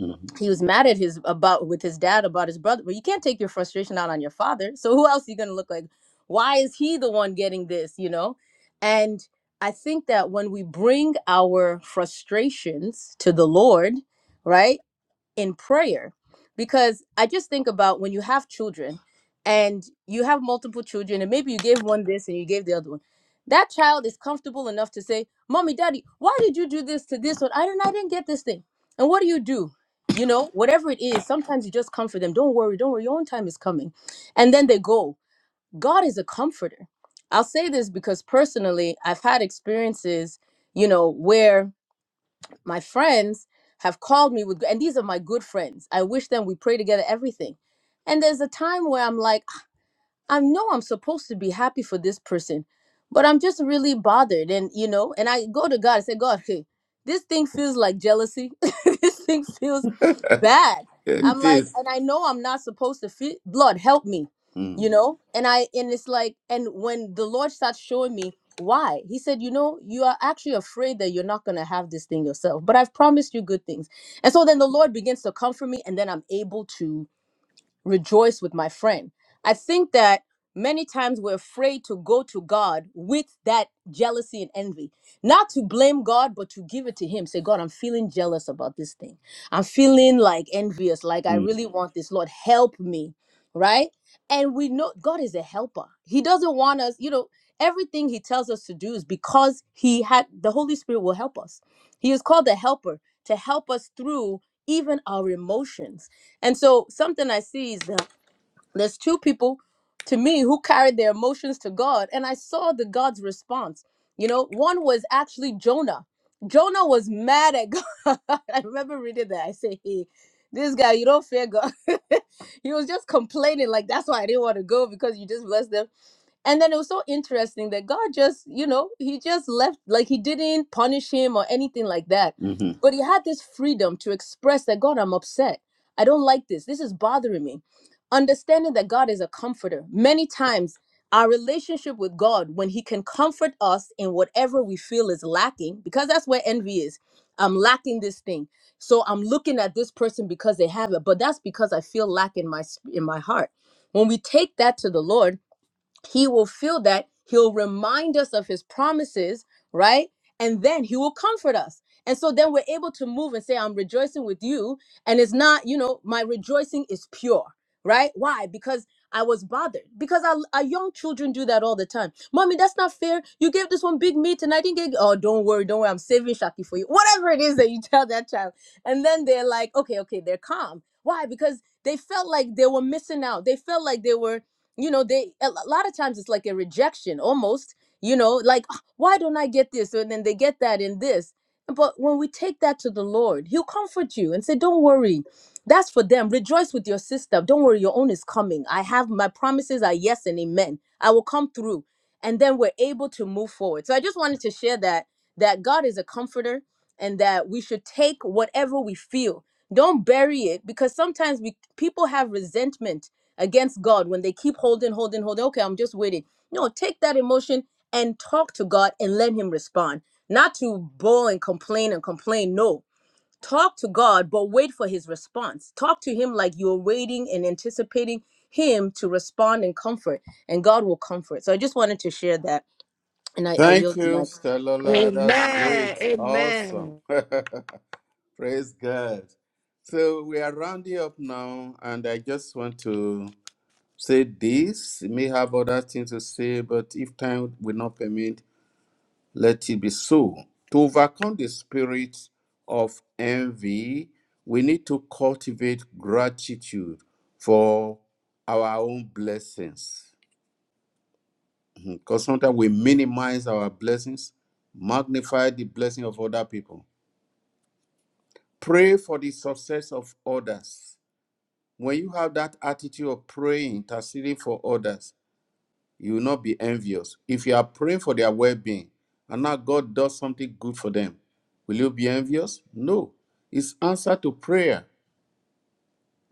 Speaker 1: mhm.
Speaker 8: he was mad at his about with his dad about his brother but you can't take your frustration out on your father so who else are you going to look like why is he the one getting this you know and i think that when we bring our frustrations to the lord right in prayer because I just think about when you have children and you have multiple children and maybe you gave one this and you gave the other one. That child is comfortable enough to say, "Mommy, Daddy, why did you do this to this one? I didn't I didn't get this thing." And what do you do? You know, whatever it is, sometimes you just comfort them. Don't worry, don't worry, your own time is coming. And then they go. God is a comforter. I'll say this because personally, I've had experiences, you know, where my friends have called me with and these are my good friends i wish them we pray together everything and there's a time where i'm like i know i'm supposed to be happy for this person but i'm just really bothered and you know and i go to god and say god hey this thing feels like jealousy <laughs> this thing feels bad.
Speaker 1: Yeah,
Speaker 8: I'm
Speaker 1: it
Speaker 8: like,
Speaker 1: is.
Speaker 8: and I know I'm not supposed to feel blood, help me, you
Speaker 1: Mm,
Speaker 8: know? And I and it's like, and when the Lord starts showing me why, he said, you know, you are actually afraid that you're not gonna have this thing yourself, but I've promised you good things. And so then the Lord begins to comfort me, and then I'm able to rejoice with my friend. I think that many times we're afraid to go to God with that jealousy and envy. Not to blame God, but to give it to Him. Say, God, I'm feeling jealous about this thing. I'm feeling like envious, like I
Speaker 1: mm,
Speaker 8: really want this. Lord, help me, right? And we know God is a helper. He doesn't want us, you know, everything He tells us to do is because He had the Holy Spirit will help us. He is called the helper to help us through even our emotions and so something I see is that there's two people to me who carried their emotions to God, and I saw the God's response. You know, one was actually Jonah. Jonah was mad at God. <laughs> I remember reading that. I say, hey, this guy, you don't fear God. <laughs> he was just complaining, like, that's why I didn't want to go because you just blessed them. And then it was so interesting that God just, you know, he just left, like he didn't punish him or anything like that.
Speaker 1: mhm.
Speaker 8: But he had this freedom to express that God, I'm upset. I don't like this. This is bothering me. Understanding that God is a comforter. Many times, our relationship with God, when he can comfort us in whatever we feel is lacking, because that's where envy is. I'm lacking this thing. So I'm looking at this person because they have it, but that's because I feel lack in my sp- in my heart. When we take that to the Lord, he will feel that he'll remind us of his promises right and then he will comfort us and so then we're able to move and say i'm rejoicing with you and it's not you know my rejoicing is pure right why because i was bothered because our, our young children do that all the time mommy that's not fair you gave this one big meat and i didn't get oh don't worry don't worry i'm saving shaki for you whatever it is that you <laughs> tell that child and then they're like okay okay they're calm why because they felt like they were missing out they felt like they were you know they a lo- lot of times it's like a rejection almost you know like "Ah, why don't i get this and then they get that and this but when we take that to the lord he'll comfort you and say don't worry that's for them rejoice with your sister don't worry your own is coming i have my promises are yes and amen i will come through and then we're able to move forward so i just wanted to share that that god is a comforter and that we should take whatever we feel don't bury it because sometimes we people have resentment against God when they keep holding, holding, holding. Okay, I'm just waiting. No, take that emotion and talk to God and let Him respond. Not to bawl and complain and complain. No, talk to God, but wait for His response. Talk to Him like you're waiting and anticipating Him to respond and comfort, and God will comfort. So I just wanted to share that, and I, I
Speaker 1: Thank
Speaker 8: yield the
Speaker 1: you,
Speaker 8: mic.
Speaker 1: Stalola.
Speaker 6: Amen.
Speaker 1: That's great. Awesome.
Speaker 6: Amen.
Speaker 1: <laughs> Praise God. So we are rounding up now, and I just want to say this, may have other things to say, but if time will not permit, let it be so. To overcome the spirit of envy, we need to cultivate gratitude for our own blessings. Because sometimes we minimize our blessings, magnify the blessing of other people. Pray for the success of others. When you have that attitude of praying, interceding for others, You will not be envious. If you are praying for their well being and now God does something good for them, will you be envious? No. It's answer to prayer.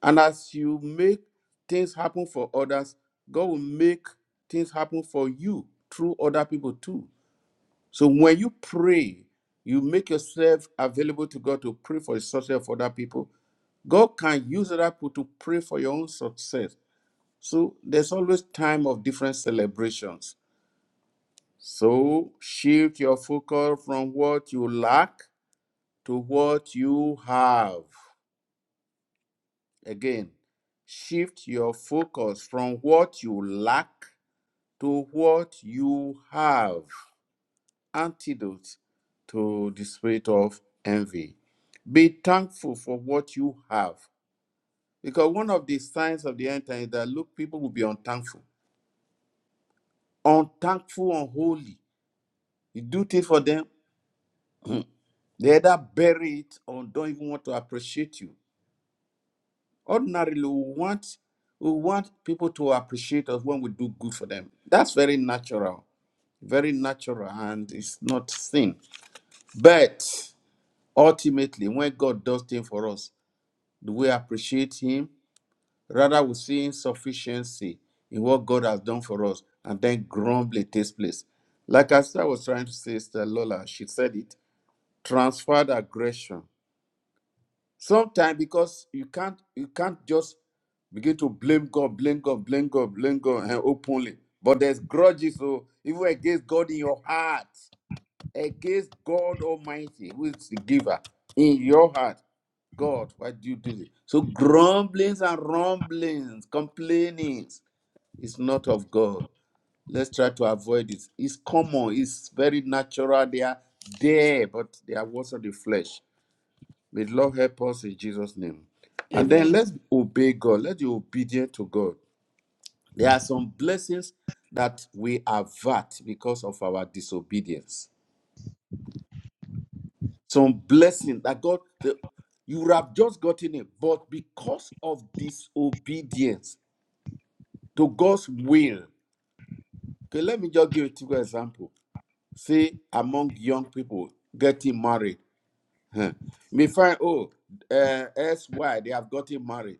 Speaker 1: And as you make things happen for others, God will make things happen for you through other people too. So when you pray, you make yourself available to God to pray for the success of other people. God can use other people to pray for your own success. So there's always time of different celebrations So shift your focus from what you lack to what you have. Again, shift your focus from what you lack to what you have. Antidote to the spirit of envy. Be thankful for what you have. Because one of the signs of the end time is that look, people will be unthankful. Unthankful, unholy. You do things for them, they either bury it or don't even want to appreciate you. Ordinarily, we want we want people to appreciate us when we do good for them. That's very natural, very natural, and it's not sin. But ultimately, when God does things for us, do we appreciate Him? Rather, we see insufficiency in what God has done for us, and then grumbling takes place. Like I said, I was trying to say, Sister Lola, she said it transferred aggression Sometimes because you can't you can't just begin to blame God, blame God, blame God, blame God and openly. But there's grudges, so even against God in your heart, against God Almighty, who is the giver in your heart. God, why do you do this? So grumblings and rumblings, complainings is not of God. Let's try to avoid it. It's common, it's very natural. They are there, but they are also the flesh. May the Lord help us in Jesus' name. And then
Speaker 6: Amen.
Speaker 1: let's obey God. Let's be obedient to God. There are some blessings that we avert because of our disobedience. Some blessing that God, the, you would have just gotten it, but because of disobedience to God's will. Okay, let me just give a typical example. Say among young people getting married, huh. you may find oh, uh, S Y they have gotten married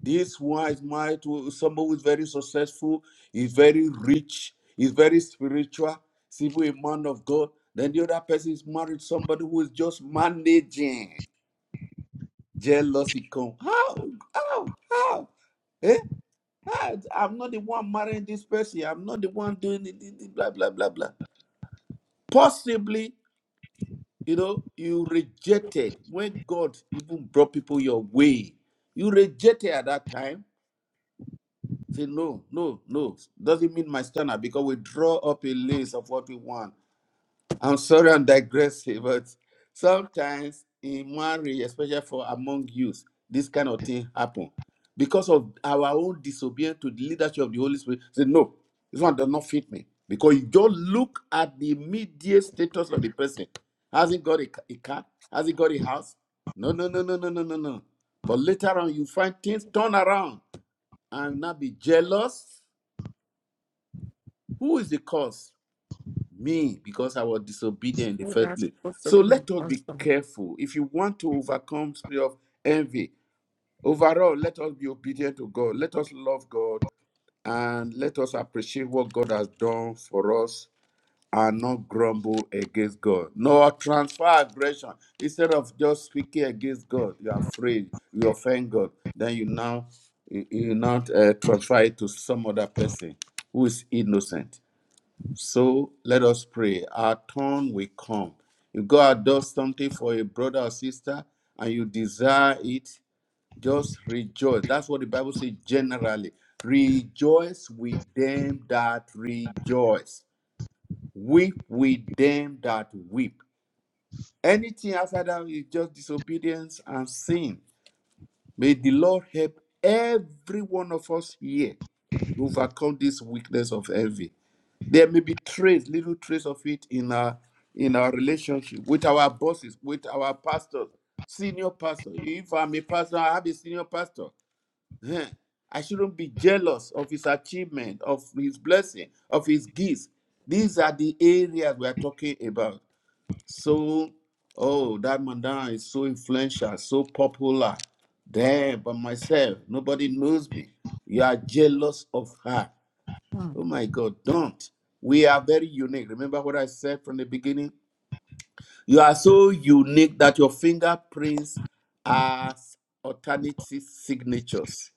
Speaker 1: This wise might, someone who is very successful, is very rich, is very spiritual, simply a man of God. Then the other person is married to somebody who is just managing. Jealousy come. How? How? How? Eh? How? I'm not the one marrying this person. I'm not the one doing it. it- it, Blah blah blah blah. Possibly, you know, you rejected when God even brought people your way. You rejected at that time Say, no, no, no. Doesn't mean my standard because we draw up a list of what we want. I'm sorry I'm digressing, <laughs> but sometimes in marriage, especially for among youth, this kind of thing happen because of our own disobedience to the leadership of the Holy Spirit. Say, no, this one does not fit me. Because you don't look at the immediate status of the person. Has he got a, ca- a car? Has he got a house? No, no, no, no, no, no, no, no. But later on, you find things turn around and not be jealous who is the cause? Me, because I was disobedient in the
Speaker 6: Oh,
Speaker 1: first
Speaker 6: That's
Speaker 1: place.
Speaker 6: supposed to
Speaker 1: So
Speaker 6: be my
Speaker 1: let us be
Speaker 6: husband.
Speaker 1: careful. If you want to overcome spirit of envy, overall, let us be obedient to God. Let us love God and let us appreciate what God has done for us and not grumble against God. Nor transfer aggression. Instead of just speaking against God, you're afraid, you offend God. Then you now you, you not uh, transfer it to some other person who is innocent. So let us pray. Our turn will come. If God does something for a brother or sister and you desire it, just rejoice. That's what the Bible says generally. Rejoice with them that rejoice. Weep with them that weep. Anything after that is just disobedience and sin. May the Lord help every one of us here to overcome this weakness of envy There may be trace, little trace of it in our in our relationship with our bosses, with our pastors, senior pastor. If I'm a pastor, I have a senior pastor. Huh. I shouldn't be jealous of his achievement, of his blessing, of his gifts. These are the areas we are talking about. So, oh, that man down is so influential, so popular. There, but myself, nobody knows me. You are jealous of her.
Speaker 6: Mm.
Speaker 1: Oh my God, don't. We are very unique. Remember what I said from the beginning? You are so unique that your fingerprints are alternative signatures.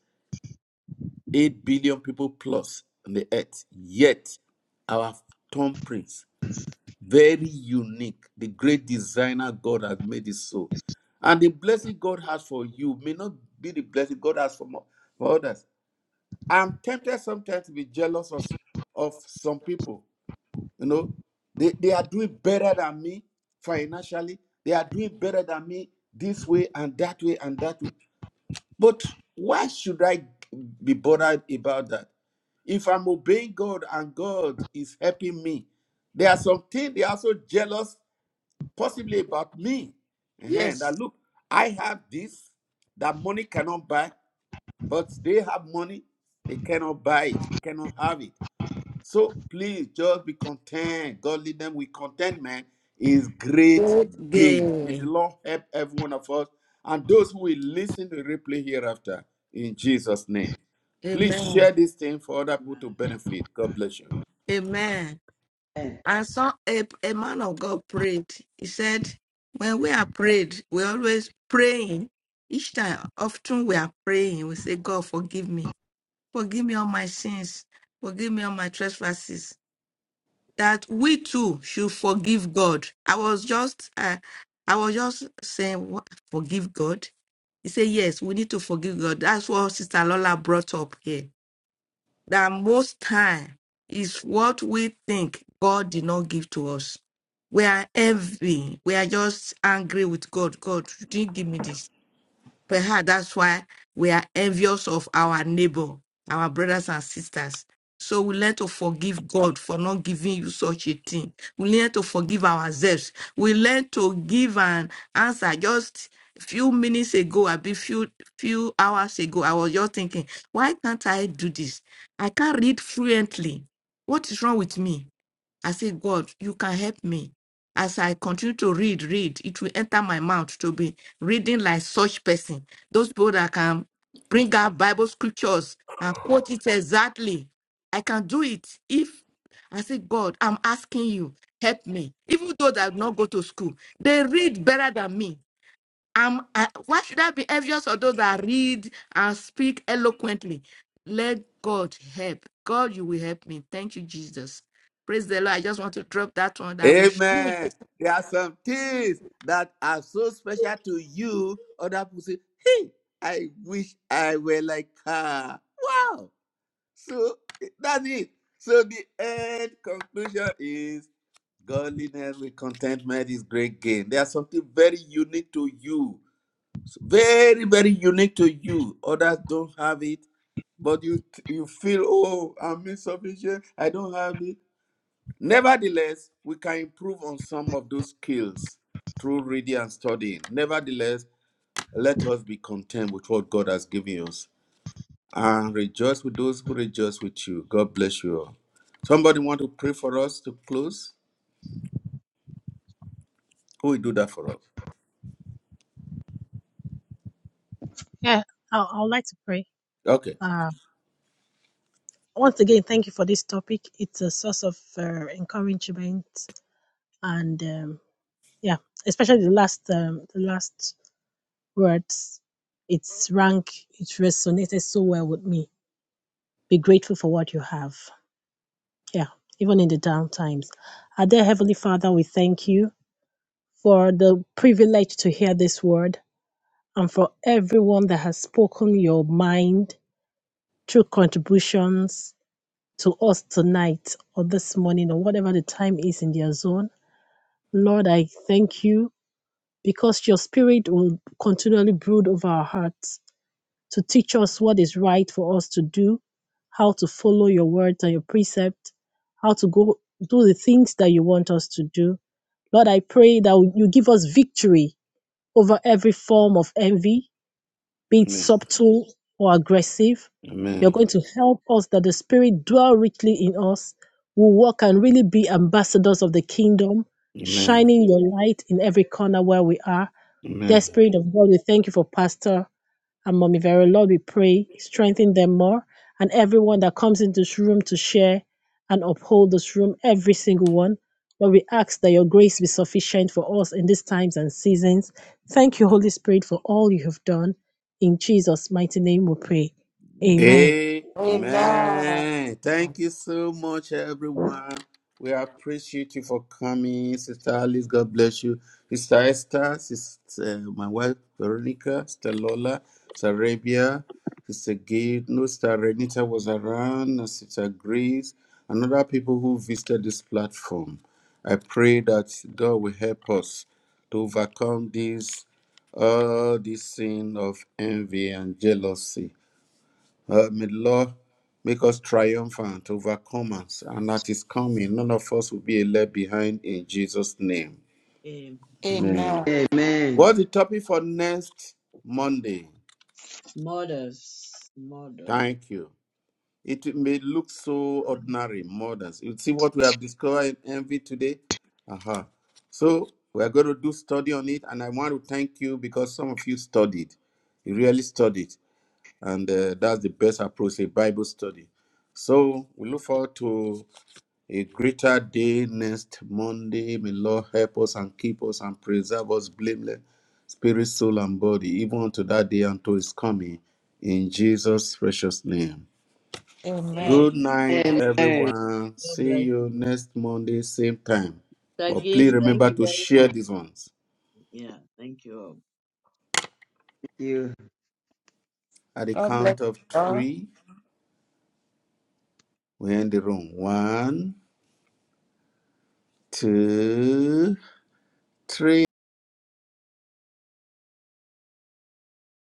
Speaker 1: 8 billion people plus on the earth. Yet, our thumbprints, very unique. The great designer God has made it so. And the blessing God has for you may not be the blessing God has for, mo- for others. I'm tempted sometimes to be jealous of, of some people You know, they, they are doing better than me financially. They are doing better than me this way and that way and that way. But why should I be bothered about that? If I'm obeying God and God is helping me, there are some things they are so jealous, possibly about me. uh That
Speaker 6: Yes.
Speaker 1: look, I have this that money cannot buy, but they have money, they cannot buy it, they cannot have it. So please just be content. Godliness with contentment is great
Speaker 6: Good.
Speaker 1: gain. May the
Speaker 6: Good.
Speaker 1: Lord help every one of us and those who will listen to replay hereafter in Jesus' name. Please share
Speaker 6: Amen.
Speaker 1: this thing for other people
Speaker 4: Amen.
Speaker 1: to benefit. God bless you.
Speaker 6: Amen.
Speaker 2: Amen.
Speaker 6: I saw a, a man of God prayed. He said, When we are prayed, we always praying. Each time, often we are praying, we say, God, forgive me. Forgive me all my sins. Forgive me all my trespasses. That we too should forgive God. I was just, uh, I was just saying, "What? forgive God. He said, Yes, we need to forgive God. That's what Sister Lola brought up here that most time is what we think God did not give to us. We are envy. We are just angry with God. God, you didn't give me this. Perhaps that's why we are envious of our neighbor, our brothers and sisters. So we learn to forgive God for not giving you such a thing. We learn to forgive ourselves. We learn to give an answer. Just a few minutes ago, a bit few few hours ago, I was just thinking, why can't I do this? I can't read fluently. What is wrong with me? I say, God, you can help me. As I continue to read, read, it will enter my mouth to be reading like such person. Those people that can bring out Bible scriptures and quote it exactly. I can do it if I say, God, I'm asking you, help me. Even though they have not go to school, they read better than me am I, why should I be envious of those that read and speak eloquently? Let God help. God, you will help me. Thank you, Jesus. Praise the Lord. I just want to drop that one that we should.
Speaker 1: Amen. There are some things that are so special to you. Other people say, hey, I wish I were like her. Wow. So that's it. So the end conclusion is Godliness with contentment is great gain. There's something very unique to you, So, very very unique to you. Others don't have it, but you you feel oh I'm insufficient. I don't have it. Nevertheless, we can improve on some of those skills through reading and studying. Nevertheless, let us be content with what God has given us and rejoice with those who rejoice with you. God bless you all. Somebody want to pray for us to close? Who will do that for us?
Speaker 3: Yeah, I, I would like to pray.
Speaker 1: Okay.
Speaker 3: Uh, once again, thank you for this topic. It's a source of uh, encouragement, and um, yeah, especially the last um, the last words. It's rank. It resonated so well with me. Be grateful for what you have. yeah, even in the down times. Our dear Heavenly Father, we thank you for the privilege to hear this word and for everyone that has spoken your mind through contributions to us tonight or this morning or whatever the time is in their zone. Lord, I thank you because your spirit will continually brood over our hearts to teach us what is right for us to do, how to follow your words and your precept, how to go do the things that you want us to do. Lord, I pray that you give us victory over every form of envy, be it
Speaker 1: Amen.
Speaker 3: subtle or aggressive. You're
Speaker 1: Amen.
Speaker 3: going to help us that the Spirit dwell richly in us. We'll walk and really be ambassadors of the kingdom,
Speaker 1: Amen.
Speaker 3: shining your light in every corner where we are. Dear
Speaker 1: Amen.
Speaker 3: Spirit of God, we thank you for Pastor and Mommy Vero. Lord, we pray, strengthen them more and everyone that comes into this room to share and uphold this room, every single one. Lord, we ask that your grace be sufficient for us in these times and seasons. Thank you, Holy Spirit, for all you have done. In Jesus' mighty name we pray. Amen.
Speaker 1: Amen.
Speaker 6: Amen.
Speaker 1: Thank you so much, everyone. We appreciate you for coming, Sister Alice. God bless you, Sister Esther, Sister uh, my wife Veronica, Sister Lola, Sister Arabia, Sister Gail, no Sister Renita was around, and Sister Grace, and other people who visited this platform. I pray that God will help us to overcome this all this sin of envy and jealousy uh, may the Lord make us triumphant, overcomers, and at His coming, none of us will be left behind in Jesus' name.
Speaker 4: Amen.
Speaker 1: Amen.
Speaker 6: Amen.
Speaker 2: Amen.
Speaker 1: What's the topic for next Monday?
Speaker 4: Models, model.
Speaker 1: Thank you. It may look so ordinary, modern. You see what we have discovered in envy today? Aha. So we are going to do study on it, and I want to thank you because some of you studied. You really studied, and uh, that's the best approach, a Bible study. So we look forward to A greater day next Monday. May Lord help us and keep us and preserve us blameless, spirit, soul, and body, even unto that day until his coming. In Jesus' precious name.
Speaker 4: Hey,
Speaker 6: Amen.
Speaker 1: Good night,
Speaker 2: Amen. Thank
Speaker 1: everyone.
Speaker 4: God
Speaker 1: See
Speaker 4: bless
Speaker 1: you
Speaker 4: you.
Speaker 1: next Monday, same time.
Speaker 4: Sir
Speaker 1: But please
Speaker 4: Gift, thank
Speaker 1: remember
Speaker 4: you
Speaker 1: to
Speaker 4: very
Speaker 1: share
Speaker 4: much.
Speaker 1: these ones.
Speaker 4: Yeah, thank you all.
Speaker 2: you.
Speaker 1: At the
Speaker 6: God bless
Speaker 1: count of
Speaker 6: you all.
Speaker 1: three, we end the room. One, two, three.